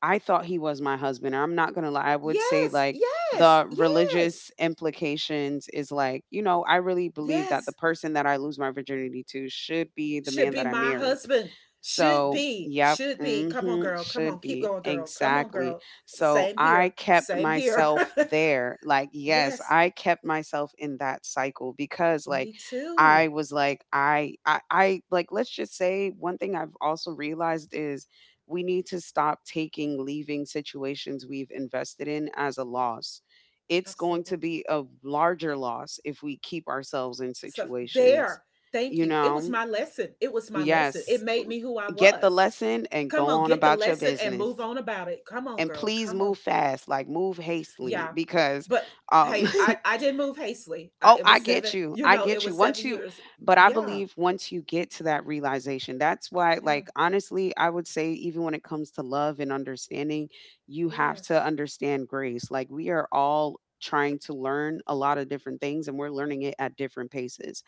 S2: I thought he was my husband. I'm not going to lie. I would say,
S1: Yes.
S2: like,
S1: Yes.
S2: the
S1: Yes.
S2: religious implications is like, I really believe that the
S1: Yes.
S2: person that I lose my virginity to should be the
S1: Should
S2: man
S1: be
S2: that I
S1: my
S2: marry.
S1: husband. Should
S2: So,
S1: be.
S2: yep.
S1: Should be. Come on,
S2: Hmm.
S1: girl. Come on.
S2: Should
S1: Keep
S2: be
S1: going, girl. Come on,
S2: exactly.
S1: girl.
S2: So,
S1: Same
S2: I
S1: here.
S2: kept
S1: Same here.
S2: myself there. Like, yes,
S1: Yes,
S2: I kept myself in that cycle because, like,
S1: me
S2: I
S1: too.
S2: was like, let's just say one thing I've also realized is we need to stop taking leaving situations we've invested in as a loss. It's going to
S1: Absolutely.
S2: be a larger loss if we keep ourselves in
S1: So
S2: situations,
S1: there. Thank
S2: you
S1: you. It was
S2: know?
S1: my lesson. It was my lesson. It
S2: Yes.
S1: made me who I
S2: Get the
S1: was.
S2: lesson and
S1: Come
S2: go
S1: on,
S2: on
S1: get the
S2: about your
S1: lesson and move
S2: business.
S1: on about it. Come on,
S2: And
S1: girl.
S2: please
S1: Come
S2: move
S1: on.
S2: fast, like move hastily,
S1: Yeah.
S2: because
S1: But
S2: um,
S1: hey, I I didn't move hastily. I,
S2: Oh,
S1: it
S2: I
S1: was
S2: get
S1: seven.
S2: you.
S1: You
S2: I
S1: know, it
S2: get you.
S1: was
S2: Once
S1: seven
S2: you
S1: years.
S2: But I
S1: Yeah.
S2: believe once you get to that realization, that's why,
S1: Yeah.
S2: like, honestly, I would say even when it comes to love and understanding, you have
S1: Yes.
S2: to understand grace. Like we are all trying to learn a lot of different things and we're learning it at different paces.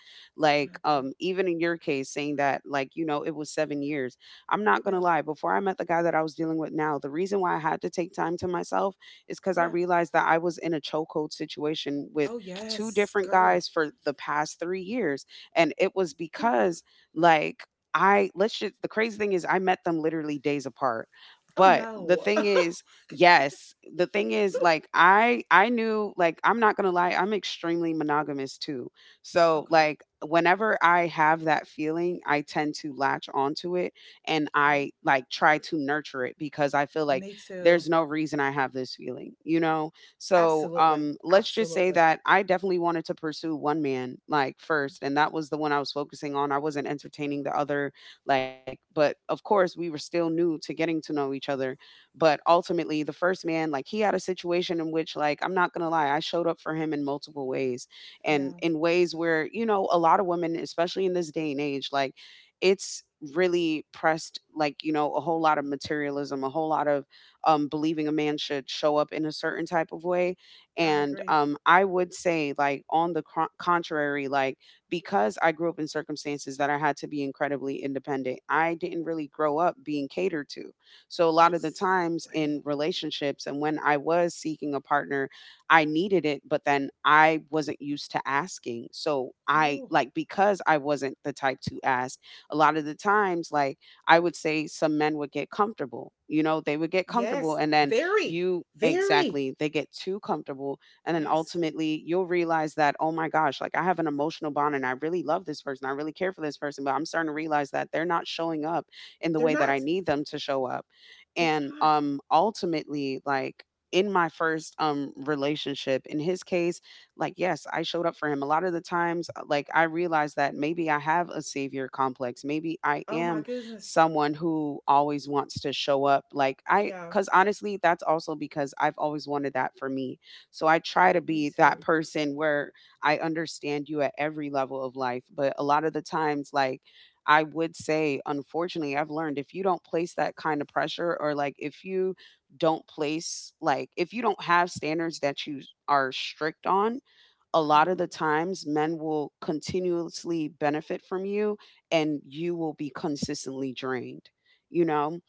S1: I
S2: Like
S1: agree.
S2: even in your case saying that, like, it was 7 years. I'm not going to
S1: Yeah.
S2: lie, before I met the guy that I was dealing with now, the reason why I had to take time to myself is cuz I
S1: Yeah.
S2: realized that I was in a chokehold situation with
S1: Oh
S2: two
S1: yes,
S2: different
S1: girl.
S2: guys for the past 3 years, and it was because, like, I let's just, the crazy thing is I met them literally days apart.
S1: Oh oh
S2: But the
S1: no.
S2: thing is, yes, the thing is, like, I knew, like, I'm not gonna lie, I'm extremely monogamous too. So,
S1: Okay.
S2: like, whenever I have that feeling, I tend to latch onto it, and
S1: Uh-huh.
S2: I, like, try to nurture it because I feel like
S1: Me too.
S2: there's no reason I have this feeling, you know? So
S1: Absolutely.
S2: let's just say
S1: Absolutely.
S2: that I definitely wanted to pursue one man, like, first, and that was the one I was focusing on. I wasn't entertaining the other, like, but of course we were still new to getting to know each other. But ultimately, the first man, like, he had a situation in which, like, I'm not gonna lie, I showed up for him in multiple ways, and
S1: Yeah,
S2: in ways where you know a lot of women, especially in this day and age, like, it's really pressed, like, you know, a whole lot of materialism, a whole lot of, believing a man should show up in a certain type of way.
S1: I
S2: And
S1: agree.
S2: I would say, like, on the contrary, like, because I grew up in circumstances that I had to be incredibly independent, I didn't really grow up being catered to. So, a lot of the times in
S1: Absolutely.
S2: relationships and when I was seeking a partner, I needed it, but then I wasn't used to asking. So,
S1: Oh
S2: because I wasn't the type to ask, a lot of the times, like, I would say some men would get comfortable. You know, they would get comfortable,
S1: yes,
S2: and then
S1: very,
S2: you
S1: very.
S2: exactly, they get too comfortable, and then
S1: Yes,
S2: ultimately you'll realize that oh my gosh, like I have an emotional bond and I really love this person. I really care for this person, but I'm starting to realize that they're not showing up in the
S1: they're
S2: way that I
S1: not.
S2: need them to show up.
S1: They're
S2: And
S1: not.
S2: um ultimately, like in my first relationship, in his case, like yes, I showed up for him a lot of the times. Like I realized that maybe I have a savior complex, maybe I
S1: Oh my
S2: am
S1: goodness.
S2: someone who always wants to show up.
S1: Yeah,
S2: Because honestly, that's also because I've always wanted that for me. So I try to
S1: me
S2: be that
S1: too.
S2: person where I understand you at every level of life. But a lot of the times, like, I would say, unfortunately, I've learned if you don't place that kind of pressure, or like if you don't place, like, if you don't have standards that you are strict on, a
S1: Uh
S2: lot of
S1: huh.
S2: the times men will continuously benefit from you, and you will be consistently drained, you know?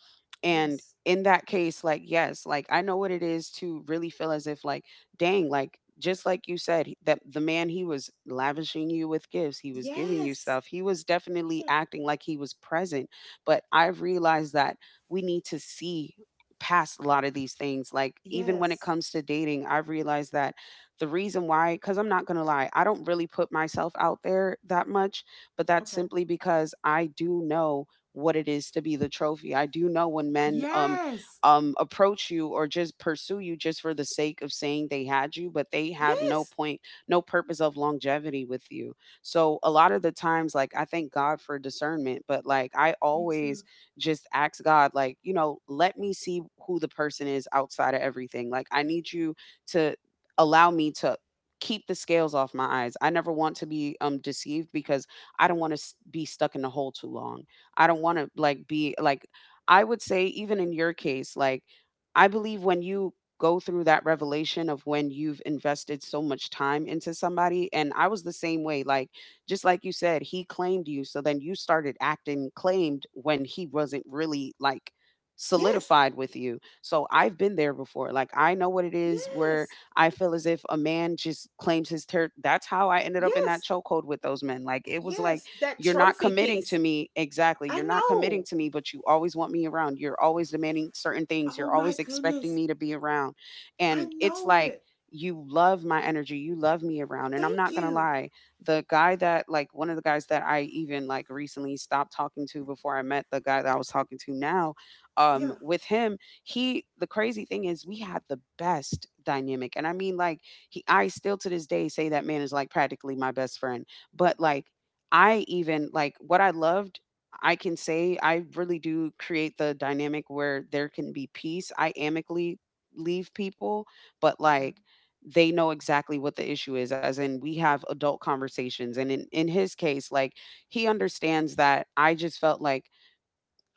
S2: And
S1: Yes.
S2: in that case, like, yes, like I know what it is to really feel as if, like, dang, like, just like you said, he- that the man, he was lavishing you with gifts, he was giving you
S1: Yes.
S2: stuff, he was definitely
S1: Yeah.
S2: acting like he was present. But I've realized that we need to see past a lot of these things. Like, even when it
S1: Yes.
S2: comes to dating, I've realized that the reason why, because I'm not going to lie, I don't really put myself out there that much, but that's
S1: Okay.
S2: simply because I do know what it is to be the trophy. I do know when men
S1: Yes.
S2: approach you or just pursue you just for the sake of saying they had you, but they have no
S1: Yes.
S2: point, no purpose of longevity with you. So a lot of the times, like, I thank God for discernment, but like I
S1: Me
S2: always
S1: too.
S2: just ask God, like, you know, let me see who the person is outside of everything. Like I need you to allow me to keep the scales off my eyes. I never want to be deceived, because I don't want to be stuck in the hole too long. I don't want to like be like, I would say even in your case, like I believe when you go through that revelation of when you've invested so much time into somebody, and I was the same way, like just like you said, he claimed you, so then you started acting claimed when he wasn't really like
S1: Yes.
S2: solidified with you. So I've been there before. Like I know what it is where
S1: Yes.
S2: I feel as if a man just claims his ter, that's how I ended up in that
S1: Yes.
S2: chokehold with those men. Like it was like,
S1: Yes, that
S2: you're not
S1: trophy
S2: committing to
S1: piece.
S2: me. Exactly.
S1: I
S2: You're not committing
S1: know.
S2: to me, but you always want me around. You're always demanding certain things.
S1: Oh
S2: You're
S1: my
S2: always expecting
S1: goodness.
S2: me to be around.
S1: I
S2: And it's
S1: know
S2: like
S1: it.
S2: you love my energy. You love me around. And I'm
S1: Thank
S2: not gonna
S1: you.
S2: lie, the guy that like one of the guys that I even like recently stopped talking to before I met the guy that I was talking to now,
S1: Yeah.
S2: with him he, the crazy thing is we had the best dynamic, and I mean like he, I still to this day say that man is like practically my best friend, but like I even like what I loved, I can say I really do create the dynamic where there can be peace. I amicably leave people, but
S1: Okay.
S2: like they know exactly what the issue is, as in we have adult conversations, and in his case, like he understands that I just felt like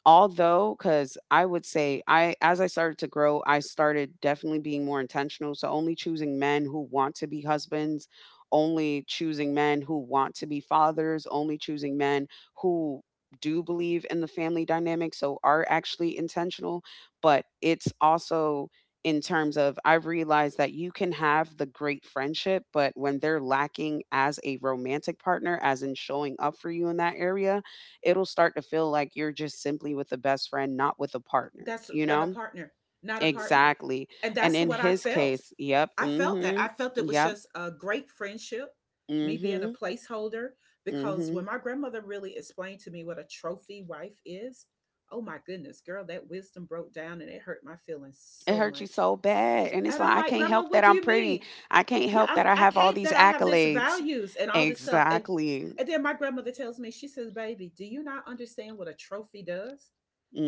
S2: although, cause I would say I, as I started to grow, I started definitely being more intentional, so only choosing men who want to be husbands, only choosing men who want to be fathers, only choosing men who do believe in the family dynamic, so are actually intentional, but it's also in terms of, I've realized that you can have the great friendship, but when they're lacking as a romantic partner, as in showing up for you in that area, it'll start to feel like you're just simply with a best friend, not with a partner,
S1: That's
S2: you
S1: not a
S2: know?
S1: partner, not a partner.
S2: Exactly.
S1: And
S2: And
S1: that's
S2: in
S1: what I
S2: his
S1: felt.
S2: case, yep,
S1: I felt that.
S2: mm-hmm,
S1: I felt it was
S2: yep,
S1: just a great friendship, me being a
S2: mm-hmm.
S1: placeholder, because
S2: Mm-hmm.
S1: when my grandmother really explained to me what a trophy wife is, oh my goodness, girl, that wisdom broke down and it hurt my feelings
S2: It
S1: so
S2: hurt you
S1: much.
S2: so bad. And it's
S1: And I'm
S2: like, I
S1: like,
S2: can't
S1: Grandma,
S2: help
S1: what
S2: that
S1: do
S2: I'm
S1: you
S2: pretty.
S1: mean?
S2: I can't
S1: Yeah,
S2: help that
S1: I'm,
S2: I
S1: I
S2: have all
S1: can't
S2: these
S1: that I have this
S2: accolades.
S1: values and all this stuff.
S2: Exactly.
S1: And then my grandmother tells me, she says, "Baby, do you not understand what a trophy does?"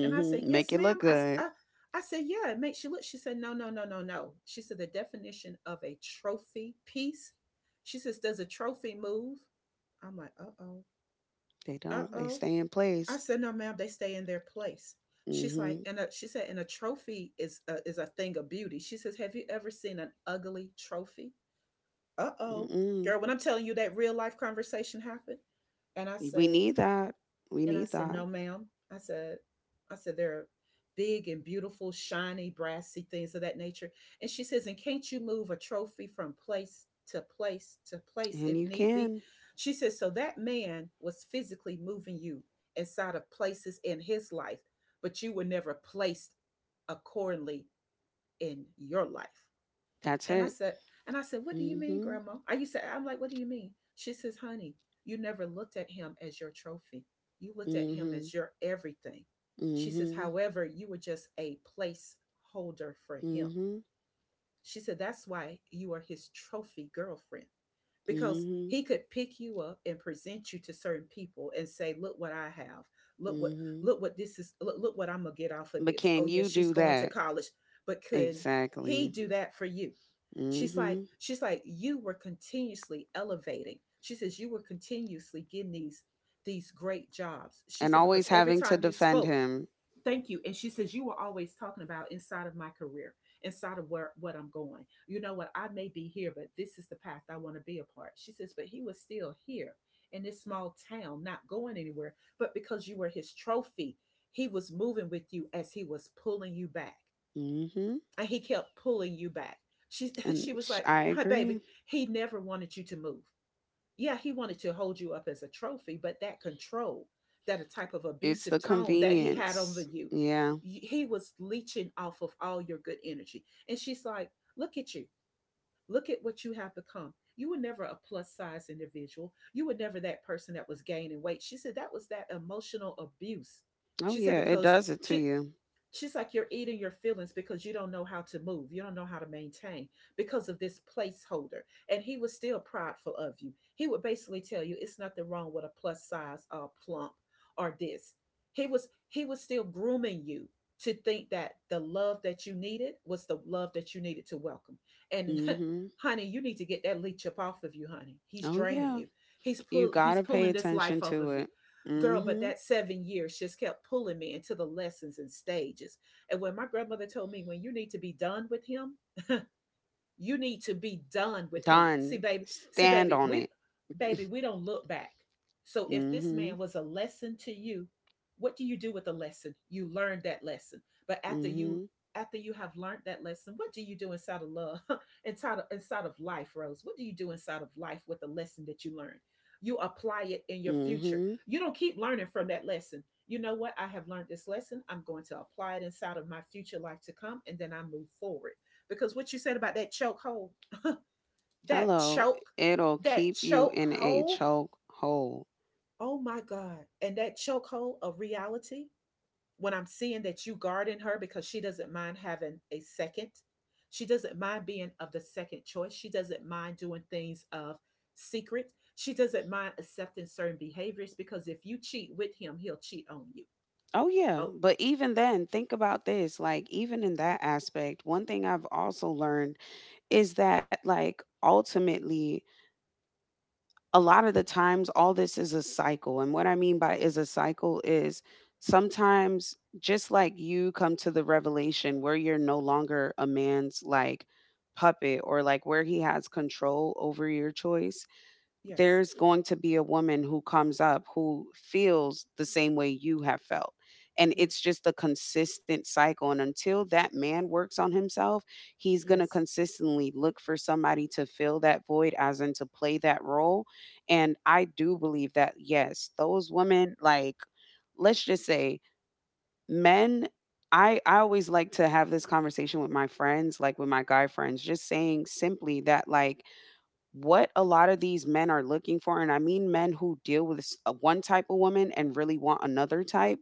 S1: And I say,
S2: Make it
S1: "Yes,
S2: look
S1: ma'am." I
S2: good.
S1: I I I say, "Yeah, it makes you look." She said, "No, no, no, no, no." She said, "The definition of a trophy piece." She says, "Does a trophy move?" I'm like, "Uh oh,
S2: They
S1: uh
S2: don't. They
S1: oh."
S2: stay in
S1: I
S2: place.
S1: said, "No, ma'am, they stay in their place." She's
S2: Mm-hmm.
S1: like, she said, and a trophy is a thing of beauty. She says, "Have you ever seen an ugly trophy?" Uh-oh.
S2: Mm-mm.
S1: Girl, when I'm telling you that real life conversation happened, and I
S2: We
S1: said,
S2: need that. We need that.
S1: no ma'am, i said I said there are big and beautiful shiny brassy things of that nature. And she says, and can't you move a trophy from place to place to place
S2: And
S1: if
S2: you
S1: need be?
S2: can.
S1: She says, so that man was physically moving you inside of places in his life, but you were never placed accordingly in your life.
S2: That's
S1: And I
S2: it.
S1: said, what do you mean,
S2: Mm-hmm.
S1: grandma? I used to, I'm like, what do you mean? She says, honey, you never looked at him as your trophy. You looked at him
S2: Mm-hmm.
S1: as your everything. She says,
S2: Mhm.
S1: however, you were just a placeholder for him.
S2: Mhm.
S1: She said, that's why you are his trophy girlfriend because
S2: Mhm.
S1: he could pick you up and present you to certain people and say, look what I have, look what
S2: Mhm.
S1: look what this is, look what I'm gonna get off of
S2: But
S1: this. Oh
S2: can
S1: yeah,
S2: you
S1: she's
S2: do
S1: going to
S2: that?
S1: college, but could he
S2: Exactly.
S1: do that for you? She's like,
S2: Mhm.
S1: you were continuously elevating. She says, you were continuously getting these great jobs. She
S2: And
S1: said, because
S2: always
S1: every
S2: having to
S1: time you
S2: defend
S1: spoke.
S2: him.
S1: Thank you. And she says, you were always talking about inside of my career, inside of where what I'm going. You know what? I may be here, but this is the path I want to be a part. She says, but he was still here in this small town, not going anywhere. But because you were his trophy, he was moving with you as he was pulling you back.
S2: Mhm.
S1: And he kept pulling you back. She she
S2: And
S1: was
S2: sh-
S1: like,
S2: I
S1: Hi,
S2: agree.
S1: baby, he never wanted you to move. Yeah, he wanted to hold you up as a trophy, but that control, that a type of
S2: It's
S1: abusive
S2: the
S1: tone that he had over
S2: convenience.
S1: you,
S2: Yeah.
S1: he was leeching off of all your good energy. And she's like, Look at you. Look at what you have become. You were never a plus size individual. You were never that person that was gaining weight. She said that was that emotional abuse.
S2: Oh
S1: She said,
S2: yeah, it
S1: because
S2: does it to
S1: she
S2: you.
S1: she's like, you're eating your feelings because you don't know how to move. You don't know how to maintain because of this placeholder. And he was still prideful of you. He would basically tell you it's nothing wrong with a plus size or plump or this. He was still grooming you to think that the love that you needed was the love that you needed to welcome. And
S2: Mhm.
S1: honey, you need to get that leech up off of you, honey. He's
S2: Oh yeah.
S1: draining you. He's
S2: You
S1: pull
S2: got to
S1: he's
S2: pay
S1: pulling this
S2: attention
S1: life
S2: to
S1: off of
S2: it.
S1: you. Girl, but
S2: Mhm.
S1: that 7 years just kept pulling me into the lessons and stages. And when my grandmother told me, when you need to be done with him, you need to be done with him.
S2: Done.
S1: See,
S2: Stand on it.
S1: baby, we don't look back. So if this
S2: Mhm.
S1: man was a lesson to you, what do you do with the lesson? You learn that lesson. But after
S2: Mhm.
S1: you after you have learned that lesson, what do you do inside of love? inside of life, Rose? What do you do inside of life with the lesson that you learned? You apply it in your future.
S2: Mhm.
S1: You don't keep learning from that lesson. You know what? I have learned this lesson. I'm going to apply it inside of my future life to come, and then I move forward because what you said about that
S2: Hello.
S1: choke,
S2: It'll
S1: that
S2: keep you
S1: choke
S2: in a
S1: hold,
S2: choke hole.
S1: oh my God. And that choke hold of reality, when I'm seeing that you guarding her because she doesn't mind having a second, she doesn't mind being of the second choice, she doesn't mind doing things of secret, she doesn't mind accepting certain behaviors because if you cheat with him, he'll cheat on you.
S2: Oh yeah,
S1: Oh,
S2: but even then, think about this. Like even in that aspect, one thing I've also learned is that like ultimately a lot of the times all this is a cycle, and what I mean by is a cycle is sometimes, just like you come to the revelation where you're no longer a man's like puppet, or like where he has control over your choice,
S1: yes,
S2: there's going to be a woman who comes up who feels the same way you have felt. And it's
S1: yes,
S2: just a consistent cycle. And until that man works on himself, he's going to
S1: yes,
S2: consistently look for somebody to fill that void, as in to play that role. And I do believe that, yes, those women, like, let's just say men. I always like to have this conversation with my friends, like with my guy friends, just saying simply that, like, what a lot of these men are looking for, and I mean men who deal with s- one type of woman and really want another type,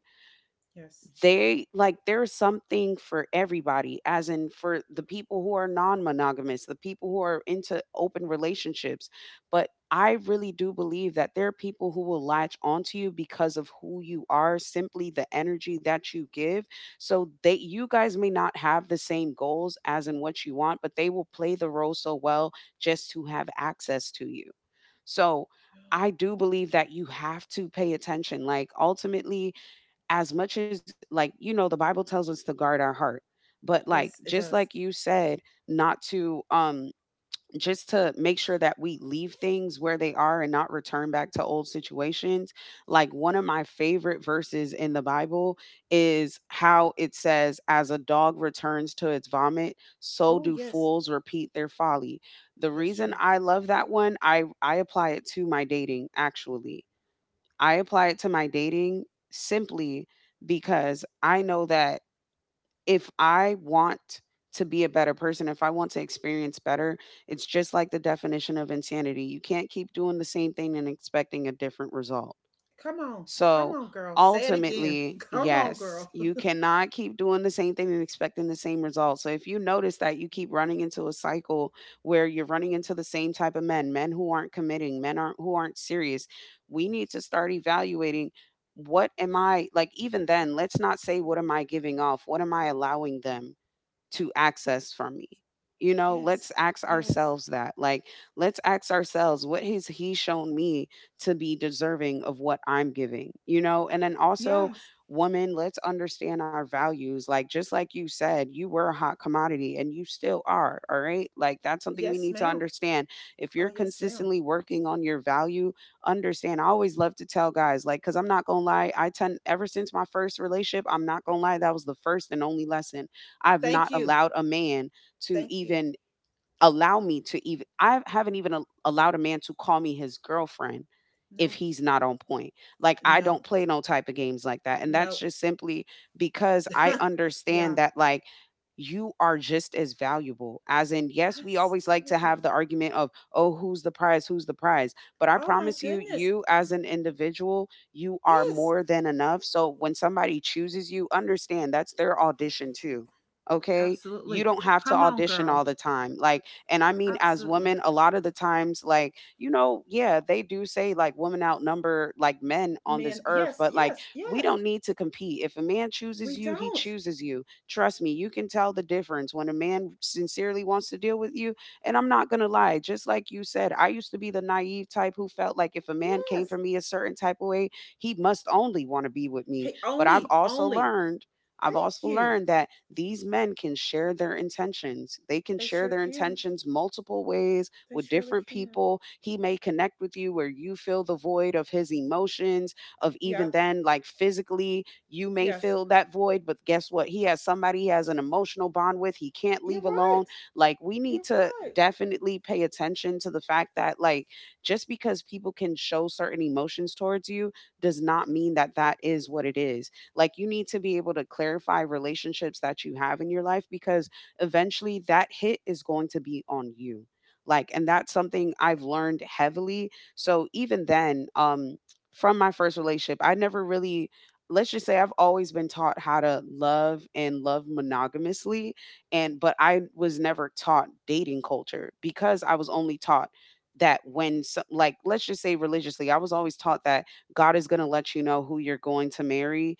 S1: yes.
S2: they like there's something for everybody, as in for the people who are non-monogamous, the people who are into open relationships, but I really do believe that there are people who will latch onto you because of who you are, simply the energy that you give. So they, you guys may not have the same goals as in what you want, but they will play the role so well just to have access to you. So
S1: Oh,
S2: I do believe that you have to pay attention. Like ultimately, as much as like you know the bible tells us to guard our heart, but like
S1: yes,
S2: just
S1: it
S2: like
S1: does.
S2: you said, not to just to make sure that we leave things where they are and not return back to old situations, like one of my favorite verses in the bible is how it says as a dog returns to its vomit, so
S1: Oh,
S2: do
S1: yes,
S2: fools repeat their folly. The
S1: that
S2: reason
S1: sure
S2: I
S1: do.
S2: love that one, I apply it to my dating actually. I apply it to my dating simply because I know that if I want to be a better person, if I want to experience better, it's just like the definition of insanity. You can't keep doing the same thing and expecting a different result.
S1: Come on. Come
S2: So
S1: on, girl. Say it again.
S2: ultimately,
S1: Come on,
S2: yes,
S1: girl.
S2: you cannot keep doing the same thing and expecting the same results. So if you notice that you keep running into a cycle where you're running into the same type of men, men who aren't committing, men aren't who aren't serious, we need to start evaluating what am I, like even then, let's not say what am I giving off? What am I allowing them to access from me? You know,
S1: Yes.
S2: let's ask
S1: Yes.
S2: ourselves that. Like, let's ask ourselves, what has he shown me to be deserving of what I'm giving? You know, and then also,
S1: Yes.
S2: woman, let's understand our values. Like, just like you said, you were a hot commodity and you still are. All right. Like, that's something we
S1: Yes,
S2: need to
S1: ma'am.
S2: understand. If
S1: Oh,
S2: you're
S1: yes, ma'am.
S2: consistently working on your value, understand. I always love to tell guys, like, because I'm not going to lie, I tend, ever since my first relationship, I'm not going to lie, that was the first and only lesson. I've not
S1: Thank you.
S2: allowed a man to
S1: Thank you.
S2: even allow me to even, I haven't even al- allowed a man to call me his girlfriend if
S1: No.
S2: he's not on point. Like I don't
S1: No.
S2: play no type of games like that. And that's
S1: No.
S2: just simply because I understand
S1: yeah.
S2: that, like, you are just as valuable. As in, yes, we always like to
S1: Absolutely.
S2: have the argument of, oh, who's the prize, who's the prize? But I
S1: Oh, my
S2: promise you,
S1: goodness.
S2: you as an individual, you are
S1: Yes.
S2: more than enough. So when somebody chooses you, understand that's their audition too, okay? You
S1: Absolutely.
S2: don't have to
S1: Come on,
S2: audition
S1: girl.
S2: all the time. Like, and I mean, as
S1: Absolutely.
S2: women, a lot of the times, like, you know, yeah, they do say like women outnumber like men on this
S1: Men,
S2: earth,
S1: yes,
S2: but like
S1: yes,
S2: we
S1: yes.
S2: don't need to compete. If a man chooses
S1: We
S2: you, he
S1: don't.
S2: chooses you. Trust me, you can tell the difference when a man sincerely wants to deal with you. And I'm not going to lie, just like you said, I used to be the naive type who felt like if a man came for
S1: Yes.
S2: me a certain type of way, he must only want to be with me.
S1: Hey,
S2: But I've
S1: only,
S2: also
S1: only.
S2: learned, I've
S1: Thank
S2: also
S1: you.
S2: learned that these men can share their intentions. They can
S1: They
S2: share
S1: sure
S2: their
S1: can.
S2: intentions multiple ways
S1: They
S2: with
S1: surely
S2: different
S1: can.
S2: people. He may connect with you where you feel the void of his emotions, of even
S1: Yep.
S2: then, like physically, you may
S1: Yes.
S2: feel that void. But guess what? He has somebody, he has an emotional bond with, he can't
S1: You're
S2: leave alone.
S1: right.
S2: Like, we need
S1: You're
S2: to
S1: right.
S2: definitely pay attention to the fact that, like, just because people can show certain emotions towards you does not mean that that is what it is. Like, you need to be able to clarify relationships that you have in your life, because eventually that hit is going to be on you. Like, and that's something I've learned heavily. So even then, from my first relationship, I never really, let's just say, I've always been taught how to love, and love monogamously, and but I was never taught dating culture, because I was only taught that when, so, like, let's just say religiously, I was always taught that God is going to let you know who you're going to marry,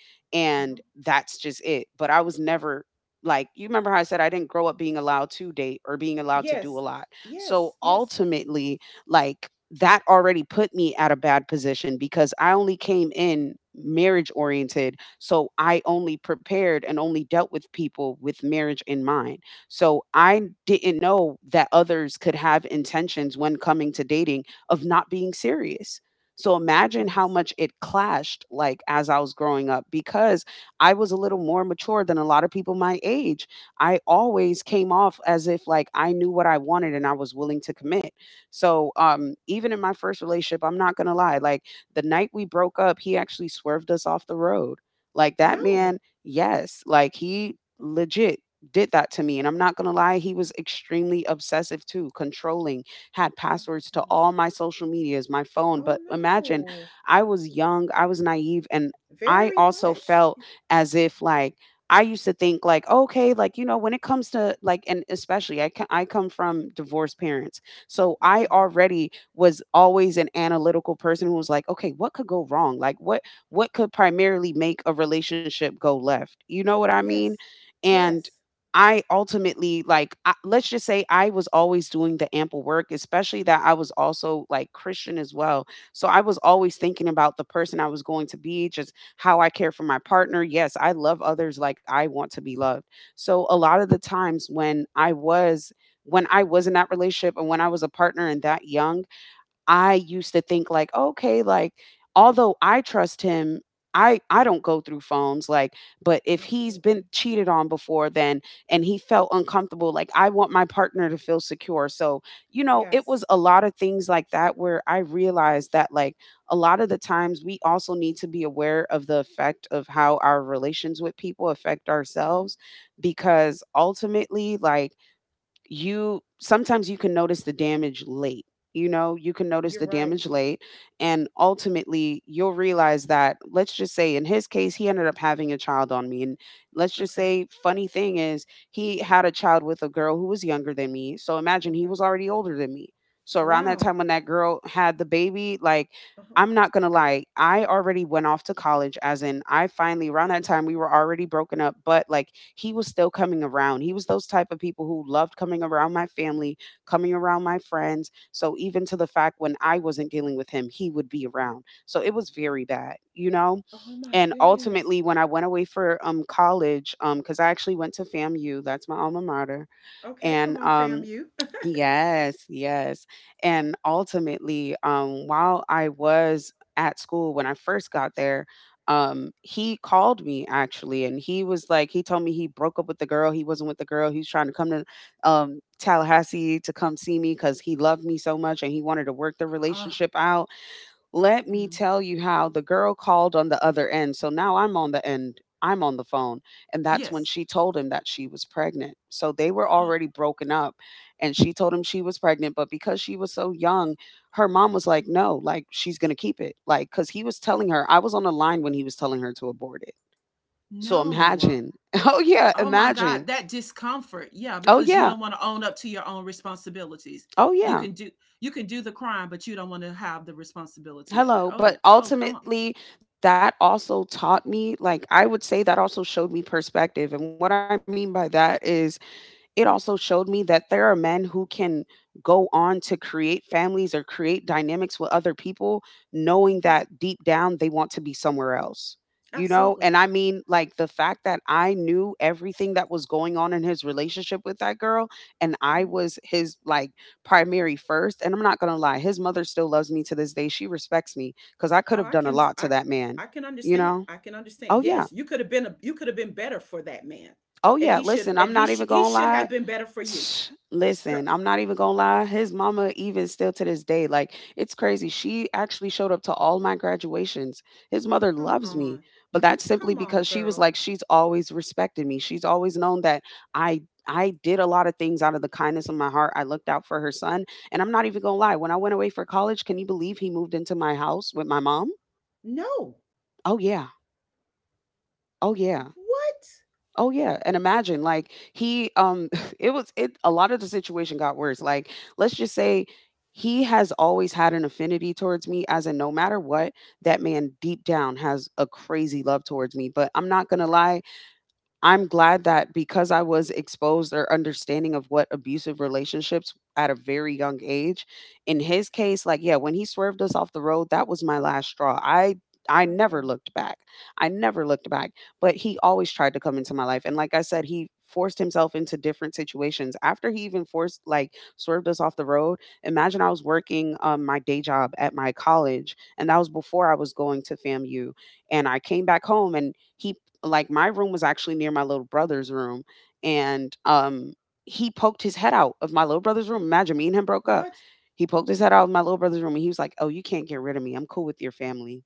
S1: Uh-huh.
S2: and that's just it. But I was never, like, you remember how I said I didn't grow up being allowed to date or being allowed to do a
S1: Yes.
S2: lot. So
S1: Yes. Yes.
S2: ultimately, like that already put me at a bad position, because I only came in marriage oriented. So I only prepared and only dealt with people with marriage in mind. So I didn't know that others could have intentions when coming to dating of not being serious. So
S1: Oh my
S2: imagine how
S1: goodness.
S2: much it clashed, like, as I was growing up, because I was a little more mature than a lot of people my age. I always came off as if, like, I knew what I wanted and I was willing to commit. So even in my first relationship, I'm not going to lie, like the night we broke up, he actually swerved us off the road. Like that
S1: No.
S2: man, yes, like he legit did that to me. And I'm not going to lie, he was extremely obsessive too, controlling, had
S1: Oh my
S2: passwords to
S1: goodness.
S2: all my social medias, my phone.
S1: Oh
S2: But imagine,
S1: no.
S2: I was young, I was naive, and I
S1: Very
S2: also
S1: much.
S2: felt as if, like, I used to think like, okay, like, you know, when it comes to like, and especially, I come from divorced parents, so I
S1: Okay.
S2: already was always an analytical person who was like, okay, what could go wrong, like, what could primarily make a relationship go left, you know what I mean?
S1: Yes.
S2: And
S1: Yes.
S2: I ultimately, like, I, let's just say, I was always doing the ample work, especially that I was also like Christian as well. So I was always thinking about the person I was going to be, just how I care for my partner. Yes, I love others like I want to be loved. So a lot of the times when I was, when I was in that relationship and when I was a partner and that young, I used to think like, okay, like, although I trust him, I don't go through phones, like, but if he's been
S1: Absolutely.
S2: cheated on before then and he felt uncomfortable, like, I want my partner to feel secure. So, you know, it
S1: Yes.
S2: was a lot of things like that where I realized that, like, a lot of the times we also need to be aware of the effect of how our relations with people affect
S1: Uh-huh.
S2: ourselves, because ultimately, like, you, sometimes you can notice the damage late. You know, you can notice
S1: You're
S2: the
S1: right.
S2: damage late, and ultimately you'll realize that. Let's just say, in his case, he ended up having a child on me, and let's just
S1: Okay.
S2: say, funny thing is, he had a child with a girl who was younger than me. So imagine, he
S1: Okay.
S2: was already older than me. So around that
S1: Wow.
S2: time when that girl had the baby, like,
S1: Uh-huh.
S2: I'm not gonna lie, I already went off to college, as in, I finally, around that time we were already broken up, but like he was still coming around. He was those type of people who loved coming around my family, coming around my friends. So even to the fact when I wasn't dealing with him, he would be around. So it was very bad, you know?
S1: Oh my
S2: And
S1: goodness.
S2: ultimately when I went away for college, because I actually went to FAMU, that's my alma mater,
S1: Okay, come
S2: and
S1: on, fam
S2: um,
S1: you.
S2: yes, yes. And ultimately, while I was at school when I first got there, he called me actually, and he was like, he told me he broke up with the girl. He wasn't with the girl. He was trying to come to Tallahassee, to come see me because he loved me so much and he wanted to work the
S1: uh,
S2: relationship out. Let me
S1: mm.
S2: tell you, how the girl called on the other end. So now I'm on the end, I'm on the phone. And that's when
S1: Yes.
S2: she told him that she was pregnant. So they were already broken up. And she told him she was pregnant. But because she was so young, her mom was like, no, like, she's going to keep it. Like, because he was telling her, I was on the line when he was telling her to abort it. So
S1: no.
S2: imagine. Oh, yeah.
S1: Oh my
S2: Imagine.
S1: God, that discomfort. Yeah,
S2: Oh,
S1: because you
S2: yeah.
S1: don't want to own up to your own responsibilities.
S2: Oh,
S1: You
S2: yeah.
S1: can do you can do the crime, but you don't want to have the responsibility of it.
S2: Hello, but
S1: Oh, oh, come on.
S2: ultimately that also taught me, like, I would say that also showed me perspective. And what I mean by that is it also showed me that there are men who can go on to create families or create dynamics with other people knowing
S1: Mhm.
S2: that deep down they want to be somewhere else. You know, and
S1: Absolutely.
S2: I mean, like, the fact that I knew everything that was going on in his relationship with that girl, and I
S1: Hmm.
S2: was his, like, primary first, and I'm not going to lie, his mother still loves me to this day. She respects me, cuz I could
S1: Oh,
S2: have done a lot to that man,
S1: I can
S2: you
S1: understand.
S2: know?
S1: I can understand.
S2: Oh yeah,
S1: Yes, you could have been a, you could have been better for that man,
S2: oh
S1: and
S2: yeah.
S1: he should
S2: Listen,
S1: and
S2: I'm
S1: he
S2: not even
S1: sh- he
S2: going to
S1: should
S2: lie.
S1: have been better for you.
S2: Tch,
S1: Girl,
S2: listen, I'm not even gonna lie. His mama, even still to this day, like, it's crazy. She actually showed up to all my graduations. His mother
S1: come
S2: loves me,
S1: on,
S2: but that's simply
S1: come on,
S2: because she was
S1: girl.
S2: like, she's always respected me. She's always known that I I did a lot of things out of the kindness of my heart. I looked out for her son, and I'm not even gonna lie, when I went away for college, can you believe he moved into my house with my mom?
S1: No,
S2: Oh yeah, oh yeah.
S1: what?
S2: Oh yeah, and imagine, like, he it was it, a lot of the situation got worse. Like, let's just say he has always had an affinity towards me, as in no matter what, that man deep down has a crazy love towards me, but I'm not going to lie, I'm glad that, because I was exposed or understanding of what abusive relationships at a very young age, in his
S1: Okay.
S2: case, like, yeah, when he swerved us off the road, that was my last straw. I
S1: Oh
S2: never
S1: God,
S2: looked back. I never looked back. But he always tried to come into my life. And like I said, he forced himself into different situations. After he even forced, like, swerved us off the road, imagine, I was working my day job at my college, and that was before I was going to FAMU, and I came back home and he, like, my room was actually near my little brother's room, and he poked his head out of my little brother's room. Imagine, me and him broke up.
S1: what?
S2: He poked his head out of my little brother's room and he was like, "Oh, you can't get rid of me. I'm cool with your family."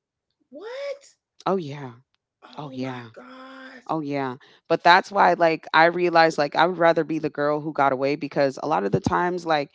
S1: What?
S2: Oh yeah. Oh
S1: Oh my
S2: yeah.
S1: God.
S2: Oh yeah. But that's why, like, I realized, like, I would rather be the girl who got away, because a lot of the times, like,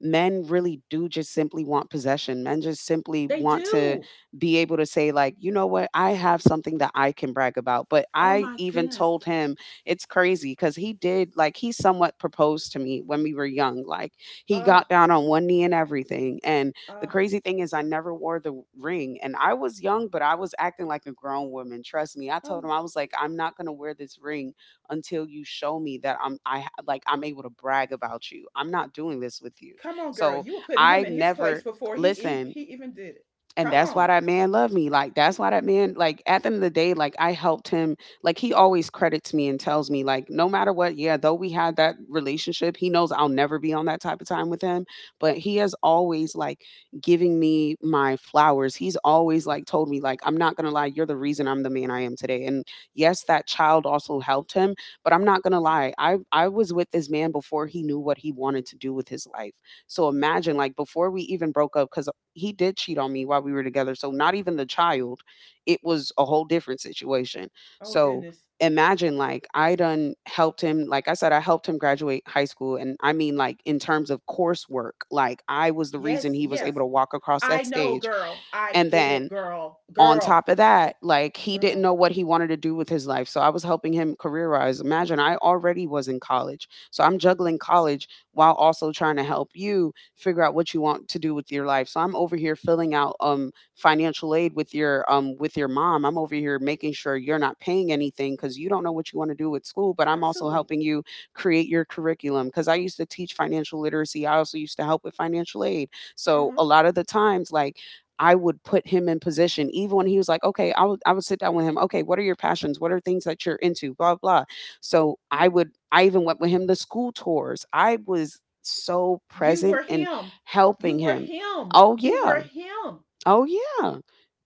S2: men really do just simply want possession. Men just simply
S1: They
S2: want to
S1: do.
S2: be able to say like, "You know what? I have something that I can brag about." But
S1: Oh
S2: I
S1: my
S2: even
S1: goodness.
S2: told him it's crazy cuz he did like he somewhat proposed to me when we were young. Like he
S1: Oh,
S2: got down on one knee and everything. And the
S1: oh,
S2: crazy thing is I never wore the ring and I was young, but I was acting like a grown woman. Trust me. I told
S1: oh.
S2: him I was like, I'm not gonna wear this ring until you show me that like I'm able to brag about you. I'm not doing this with you.
S1: Come on, girl.
S2: So
S1: You were putting him
S2: I
S1: in his place
S2: never
S1: before he ev-
S2: listen
S1: he even did it.
S2: and
S1: Come
S2: that's why
S1: on.
S2: that man loved me. Like that's why that man like at the end of the day like I helped him. Like he always credits me and tells me like no matter what, yeah, though we had that relationship, he knows I'll never be on that type of time with him, but he has always like giving me my flowers. He's always like told me like I'm not going to lie, you're the reason I'm the man I am today. And yes, that child also helped him, but I'm not going to
S1: Mhm.
S2: lie. I was with this man before he knew what he wanted to do with his life. So imagine like before we even broke up cuz he did cheat on me while we were together. So not even the child. It was a whole different situation.
S1: Oh
S2: So
S1: goodness.
S2: imagine like I done helped him, like I said, I helped him graduate high school. And I mean like in terms of coursework, like I was the reason
S1: Yes,
S2: he was
S1: yes.
S2: able to walk across
S1: I
S2: that
S1: know,
S2: stage.
S1: girl. I
S2: And
S1: get it,
S2: then
S1: girl.
S2: on
S1: Girl.
S2: top of that, like he didn't
S1: Girl.
S2: know what he wanted to do with his life. So I was helping him career wise. Imagine I already was in college. So I'm juggling college while also trying to help you figure out what you want to do with your life. So I'm over here filling out financial aid with your mom. I'm over here making sure you're not paying anything cuz you don't know what you want to do with school, but I'm also
S1: Absolutely.
S2: helping you create your curriculum cuz I used to teach financial literacy. I also used to help with financial aid. So
S1: Uh-huh.
S2: a lot of the times like I would put him in position, even when he was like, okay, I would sit down with him. Okay, what are your passions? What are things that you're into? Blah blah. So I
S1: Yeah.
S2: would I even went with him to school tours. I was so
S1: You
S2: present
S1: were
S2: in
S1: him.
S2: helping
S1: You were
S2: him.
S1: him.
S2: Oh
S1: You
S2: yeah.
S1: were him. Oh
S2: Oh, yeah.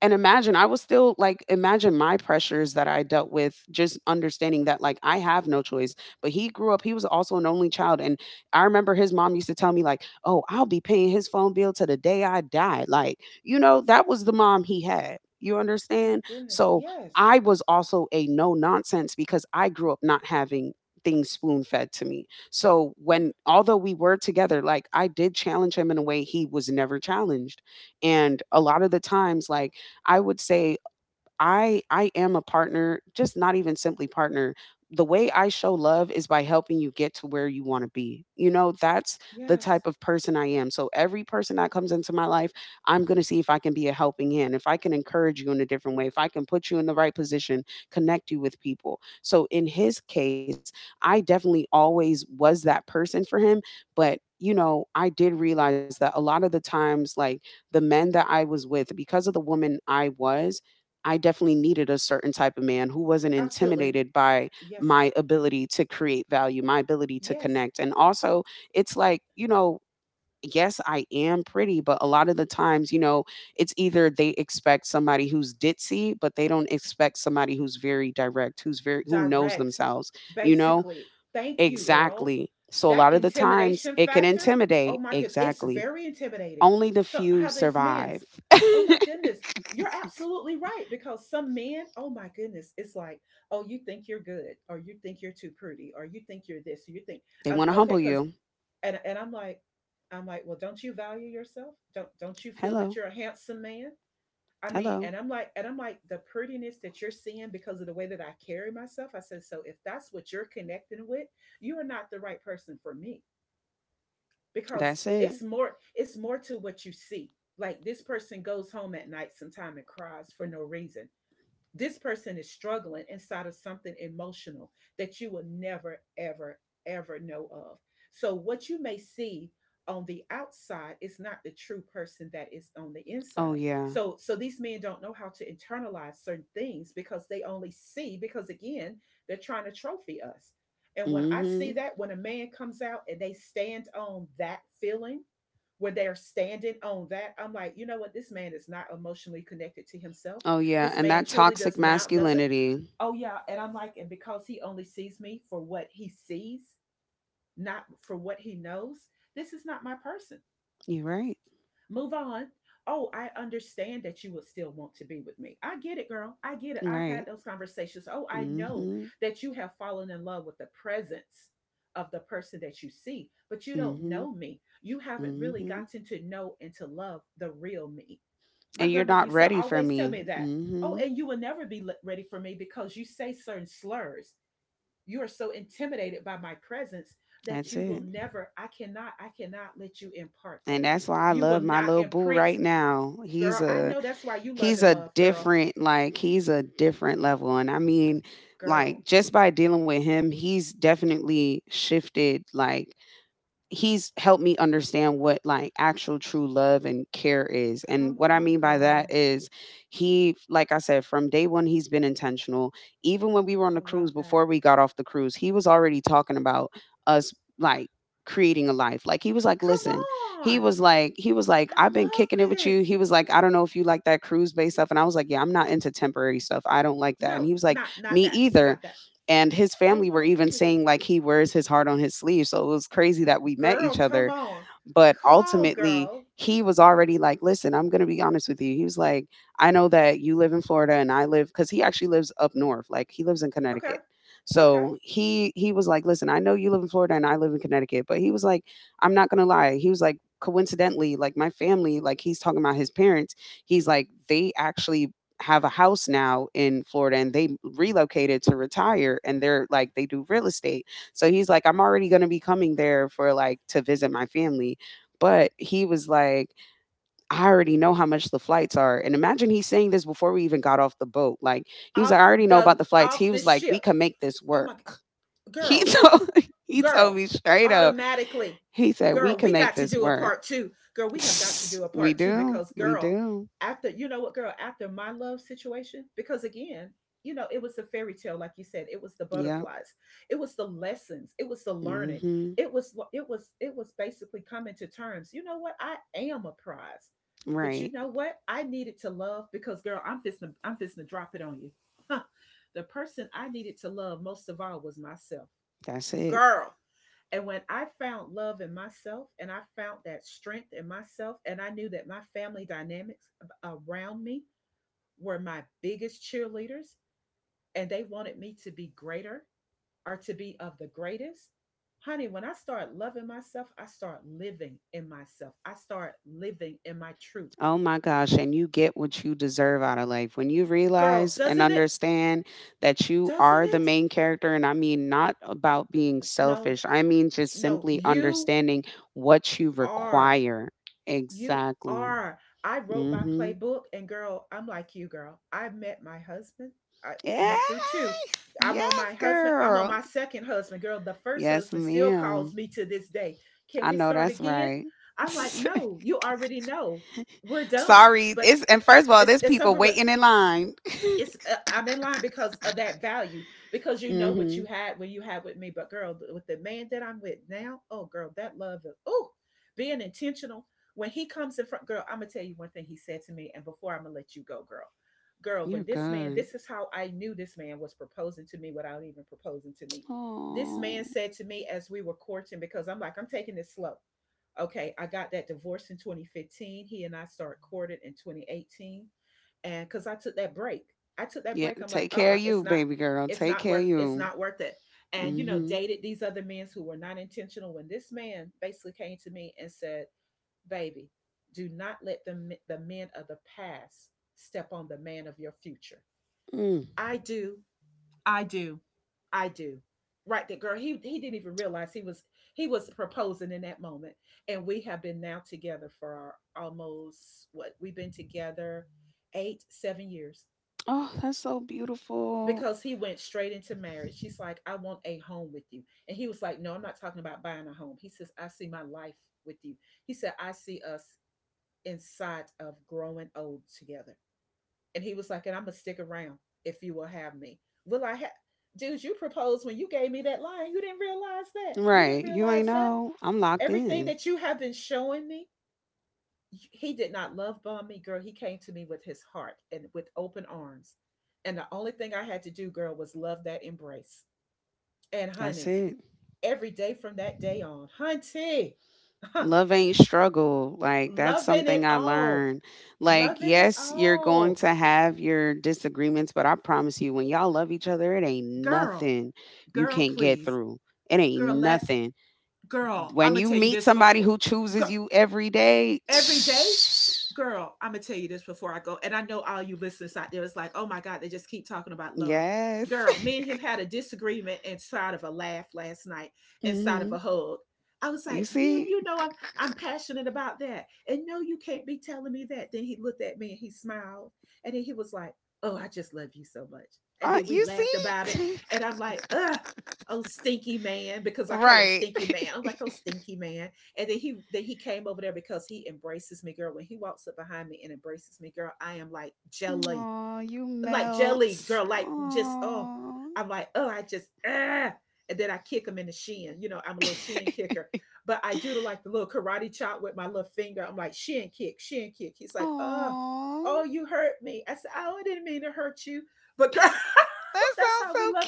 S2: And imagine, I was still like, imagine my pressures that I dealt with, just understanding that, like, I have no choice. But he grew up, he was also an only child. And I remember his mom used to tell me, like, oh, I'll be paying his phone bill to the day I die. Like, you know, that was the mom he had. You
S1: my
S2: understand?
S1: goodness.
S2: So
S1: Yes.
S2: I was also a no nonsense because I grew up not having things spoon fed to me. So
S1: Yeah.
S2: when, although we were together, like, I did challenge him in a way he was never challenged and a lot of the times, like, I would say I am a partner, just not even simply partner. The way I show love is by helping you get to where you want to be. You know, that's the type
S1: Yes,
S2: of person I am. So every person that comes into my life, I'm going to see if I can be a helping hand, if I can encourage you in a different way, if I can put you in the right position, connect you with people. So in his case, I definitely always was that person for him, but you know, I did realize that a lot of the times like the men that I was with because of the woman I was I definitely needed a certain type of man who wasn't
S1: absolutely.
S2: intimidated by
S1: Yes,
S2: my ability to create value, my ability to
S1: yes.
S2: connect. And also, it's like, you know, yes, I am pretty, but a lot of the times, you know, it's either they expect somebody who's ditzy, but they don't expect somebody who's very direct, who's very who knows
S1: Direct,
S2: themselves, you know?
S1: basically. Thank you, girl.
S2: Exactly. So a
S1: That
S2: lot of the times
S1: intimidation
S2: it can
S1: factor, oh
S2: intimidate.
S1: my goodness, it's
S2: Exactly.
S1: very intimidating.
S2: Only the
S1: So,
S2: few
S1: how these
S2: survive.
S1: men's, oh my goodness, you're absolutely right. Because some men, oh my goodness, it's like, oh, you think you're good, or you think you're too pretty, or you think you're this, or you think,
S2: They want to
S1: okay,
S2: humble
S1: because,
S2: you.
S1: and I'm like, well, don't you value yourself? Don't you feel that
S2: Hello.
S1: you're a handsome man? I mean,
S2: Hello.
S1: and I'm like, the prettiness that you're seeing because of the way that I carry myself. I said, so if that's what you're connecting with, you are not the right person for me because
S2: That's it.
S1: it's more to what you see. Like this person goes home at night sometime and cries for no reason, this person is struggling inside of something emotional that you will never, ever, ever know of. So, what you may see on the outside is not the true person that is on the
S2: Oh
S1: inside.
S2: yeah.
S1: So these men don't know how to internalize certain things because they only see, because again, they're trying to trophy us. And when I see
S2: Mhm.
S1: that, when a man comes out and they stand on that feeling, where they're standing on that, I'm like, you know what, this man is not emotionally connected to himself,
S2: Oh yeah,
S1: this
S2: and
S1: man
S2: that
S1: truly
S2: toxic
S1: does not doesn't
S2: masculinity.
S1: Oh yeah, and I'm like, and because he only sees me for what he sees, not for what he knows, this is not my person.
S2: You're right.
S1: Move on. Oh, I understand that you will still want to be with me. I get it, girl. I get it. I've had
S2: Right.
S1: those conversations. Oh, I know
S2: Mhm.
S1: that you have fallen in love with the presence of the person that you see, but you don't
S2: Mhm.
S1: know me. You haven't really
S2: Mhm.
S1: gotten to know and to love the real me. My
S2: And you're
S1: grandmother
S2: not
S1: used to
S2: ready for
S1: always tell
S2: me.
S1: me that. Oh,
S2: Mhm.
S1: and you will never be ready for me because you say certain slurs. You are so intimidated by my presence that
S2: That's
S1: you will
S2: it.
S1: never, I cannot let you impart
S2: And
S1: on me.
S2: that's why I
S1: You will
S2: love my
S1: not
S2: little boo
S1: imprint,
S2: right now.
S1: girl. I know that's why you love
S2: He's
S1: and
S2: a
S1: love, girl.
S2: different like he's a different level and I mean
S1: Girl,
S2: like just by dealing with him, he's definitely shifted like he's helped me understand what like actual true love and care is. And
S1: come
S2: what I
S1: on,
S2: mean by that
S1: girl.
S2: is he like I said from day 1 he's been intentional. Even when we were on
S1: I
S2: the
S1: love
S2: cruise before
S1: that.
S2: we got off the cruise, he was already talking about us like creating a life. Like he was like,
S1: Come
S2: "Listen." He
S1: on.
S2: was like he was like,
S1: I
S2: "I've been
S1: love
S2: kicking it with you."
S1: this.
S2: He was like, "I don't know if you like that cruise based stuff." And I was like, "Yeah, I'm not into temporary stuff. I don't like that." And
S1: No,
S2: he was like,
S1: not
S2: "Me
S1: that.
S2: either."
S1: Not that.
S2: And his
S1: Oh
S2: family were
S1: my
S2: even
S1: goodness.
S2: saying, like, he wears his heart on his sleeve, so it was crazy that we met
S1: Girl,
S2: each
S1: come
S2: other
S1: on.
S2: but
S1: Come on,
S2: ultimately,
S1: girl.
S2: he was already like, listen, I'm going to be honest with you. He was like, I know that you live in Florida and I live cuz he actually lives up north. Like he lives in
S1: Okay.
S2: Connecticut.
S1: Okay.
S2: So, he was like, listen, I know you live in Florida and I live in Connecticut, but he was like, I'm not going to lie. He was like coincidentally, like my family, like he's talking about his parents, he's like they actually have a house now in Florida and they relocated to retire and they're like they do real estate. So he's like I'm already going to be coming there for like to visit my family. But he was like, I already know how much the flights are. And imagine he's saying this before we even got off the boat. Like, he was like, I
S1: Off
S2: already know
S1: the
S2: about the flights.
S1: off
S2: He
S1: the
S2: was like, we
S1: ship.
S2: can make this
S1: Oh
S2: work.
S1: my
S2: He
S1: girl.
S2: told, he told
S1: Girl,
S2: me straight up,
S1: automatically.
S2: he said, we
S1: Girl,
S2: can
S1: we
S2: make
S1: got to
S2: this
S1: do a
S2: work.
S1: part two. Girl, we have got to do a
S2: We
S1: part two
S2: do.
S1: because,
S2: We
S1: girl,
S2: do.
S1: after, you know what, girl, after my love situation, because again, you know, it was the fairy tale, like you said, it was the
S2: Yep.
S1: butterflies, it was the lessons, it was the learning,
S2: Hmm.
S1: it was basically coming to terms. You know what? I am a prize, but you
S2: Right.
S1: know what? I needed to love because, girl, I'm fisting to drop it on you. Huh. The person I needed to love most of all was myself,
S2: That's it.
S1: girl, and when I found love in myself and I found that strength in myself, and I knew that my family dynamics around me were my biggest cheerleaders and they wanted me to be greater or to be of the greatest. Honey, when I start loving myself, I start living in myself. I start living in my truth.
S2: Oh my gosh, and you get what you deserve out of life. When you
S1: Girl,
S2: realize and
S1: doesn't it?
S2: understand that you
S1: Doesn't
S2: are the
S1: it?
S2: main character, and I mean not about being
S1: No,
S2: selfish, I mean just
S1: no,
S2: simply
S1: you
S2: understanding what you
S1: are
S2: require.
S1: you
S2: Exactly.
S1: are. I wrote my
S2: Mm-hmm.
S1: playbook, and girl, I'm like you, girl. I met my husband. I
S2: Yeah.
S1: went through two. I'm on
S2: Yes,
S1: my husband. I'm on my
S2: girl.
S1: second husband, girl. The first
S2: Yes,
S1: husband still calls
S2: ma'am.
S1: me to this day. Can
S2: I
S1: we
S2: know
S1: start
S2: that's
S1: again?
S2: right.
S1: I'm like, no, you already know. We're done.
S2: Sorry.
S1: But
S2: It's and first of all,
S1: it's
S2: there's
S1: it's
S2: people
S1: over with.
S2: waiting in line.
S1: It's I'm in line because of that value because you know what
S2: Mm-hmm.
S1: you had when you had with me, but girl, with the man that I'm with now, oh girl, that love, is, oh, being intentional when he comes in front, girl, I'm gonna tell you one thing he said to me, and before I'm gonna let you go, girl, girl,
S2: You're
S1: when this man,
S2: good.
S1: this is how I knew this man was proposing to me without even proposing to me. This
S2: Oh.
S1: man said to me as we were courting because I'm like I'm taking this slow. Okay, I got that divorce in 2015. He and I start courting in 2018, and because I took that break. I took that
S2: Yeah,
S1: break. I'm like,
S2: take care of you,
S1: it's not,
S2: baby girl. Take care of
S1: it's
S2: you.
S1: not worth it. And you know,
S2: Mm-hmm.
S1: dated these other men who were not intentional. When this man basically came to me and said, "Baby, do not let the men of the past step on the man of your future."
S2: Mm.
S1: I do, I do, I do. Right there, girl. He didn't even realize he was proposing in that moment, and we have been now together for almost what we've been together 8 7 years
S2: Oh, that's so beautiful.
S1: because he went straight into marriage. She's like, I want a home with you. And he was like, No, I'm not talking about buying a home. He says, I see my life with you. He said, I see us inside of growing old together. And he was like, And I'm going to stick around if you will have me. Will I have, dudes, you proposed when you gave me that line. You didn't realize that. You didn't
S2: Right. You ain't
S1: realize that.
S2: know. I'm locked
S1: Everything
S2: in.
S1: that you have been showing me, he did not love bomb me, girl. He came to me with his heart and with open arms. And the only thing I had to do, girl, was love that embrace, and
S2: That's
S1: honey,
S2: it.
S1: every day from that day on, hunty,
S2: Love ain't struggle. Like, that's
S1: loving it
S2: something I
S1: all,
S2: learned. Like,
S1: loving it
S2: yes, you're going
S1: all.
S2: to have your disagreements, but I promise you, when y'all love each other, it ain't
S1: Girl,
S2: nothing you
S1: girl,
S2: can't get
S1: please.
S2: through. It ain't
S1: Girl, let's,
S2: nothing.
S1: girl, I'm
S2: When
S1: going to
S2: you
S1: tell you
S2: meet
S1: this
S2: somebody
S1: before.
S2: who chooses you every day,
S1: Every day, girl, I'm gonna tell you this before I go, and I know all you listeners out there is like, oh my god, they just keep talking about love.
S2: yes.
S1: Girl, me and him had a disagreement inside of a laugh last night, inside of a
S2: Mhm.
S1: hug. I was
S2: You
S1: like, yeah,
S2: see?
S1: you know, I'm passionate about that and no you can't be telling me that. Then he looked at me and he smiled, and then he was like, oh I just love you so much, and then we
S2: You
S1: laughed about it,
S2: see?
S1: and I'm like, ugh, oh stinky man, because I call him
S2: Right.
S1: stinky man, I'm like, oh stinky man. And then he came over there because he embraces me, girl. When he walks up behind me and embraces me, girl, I am
S2: Aw, you
S1: like jelly,
S2: melt.
S1: girl, like just oh,
S2: Aw.
S1: I'm like oh, I just ah, and then I kick him in the shin. You know, I'm a little shin kicker, but I do the, like the little karate chop with my little finger. I'm like shin kick, shin kick. He's like oh,
S2: Aw.
S1: oh, you hurt me. I said oh, I didn't mean to hurt you, but girl,
S2: That
S1: that's
S2: sounds
S1: how we love.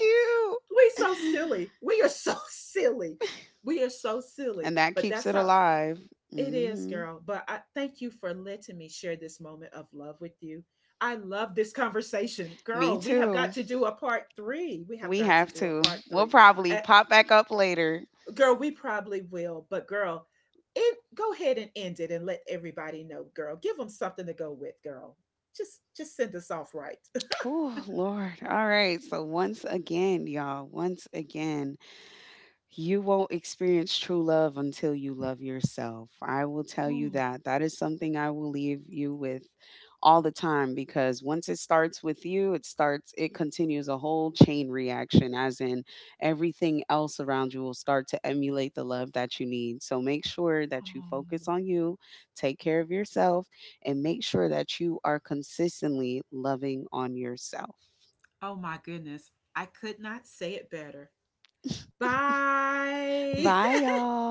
S1: We so
S2: cute.
S1: silly. We are so silly. We are so silly.
S2: And that
S1: But
S2: keeps
S1: that's
S2: it
S1: how
S2: alive.
S1: it is,
S2: Hmm.
S1: girl. But I thank you for letting me share this moment of love with you. I love this conversation.
S2: Me
S1: Girl, we have
S2: too.
S1: got to do a part three. We have
S2: We
S1: got to
S2: have
S1: do a
S2: to.
S1: part
S2: We'll
S1: three.
S2: probably
S1: Uh,
S2: pop back up later.
S1: girl, we probably will. But, girl, go ahead and end it and let everybody know, girl. Give them something to go with, girl. Just send us off right.
S2: Oh, Lord. All right. So, once again, y'all, once again, you won't experience true love until you love yourself. I will tell you
S1: Ooh,
S2: that. That is something I will leave you with all the time because once it starts with you, it starts, it continues a whole chain reaction, as in everything else around you will start to emulate the love that you need. So make sure that you focus
S1: oh,
S2: on you, take care of yourself, and make sure that you are consistently loving on yourself.
S1: oh my goodness. I could not say it better. Bye.
S2: Bye, y'all.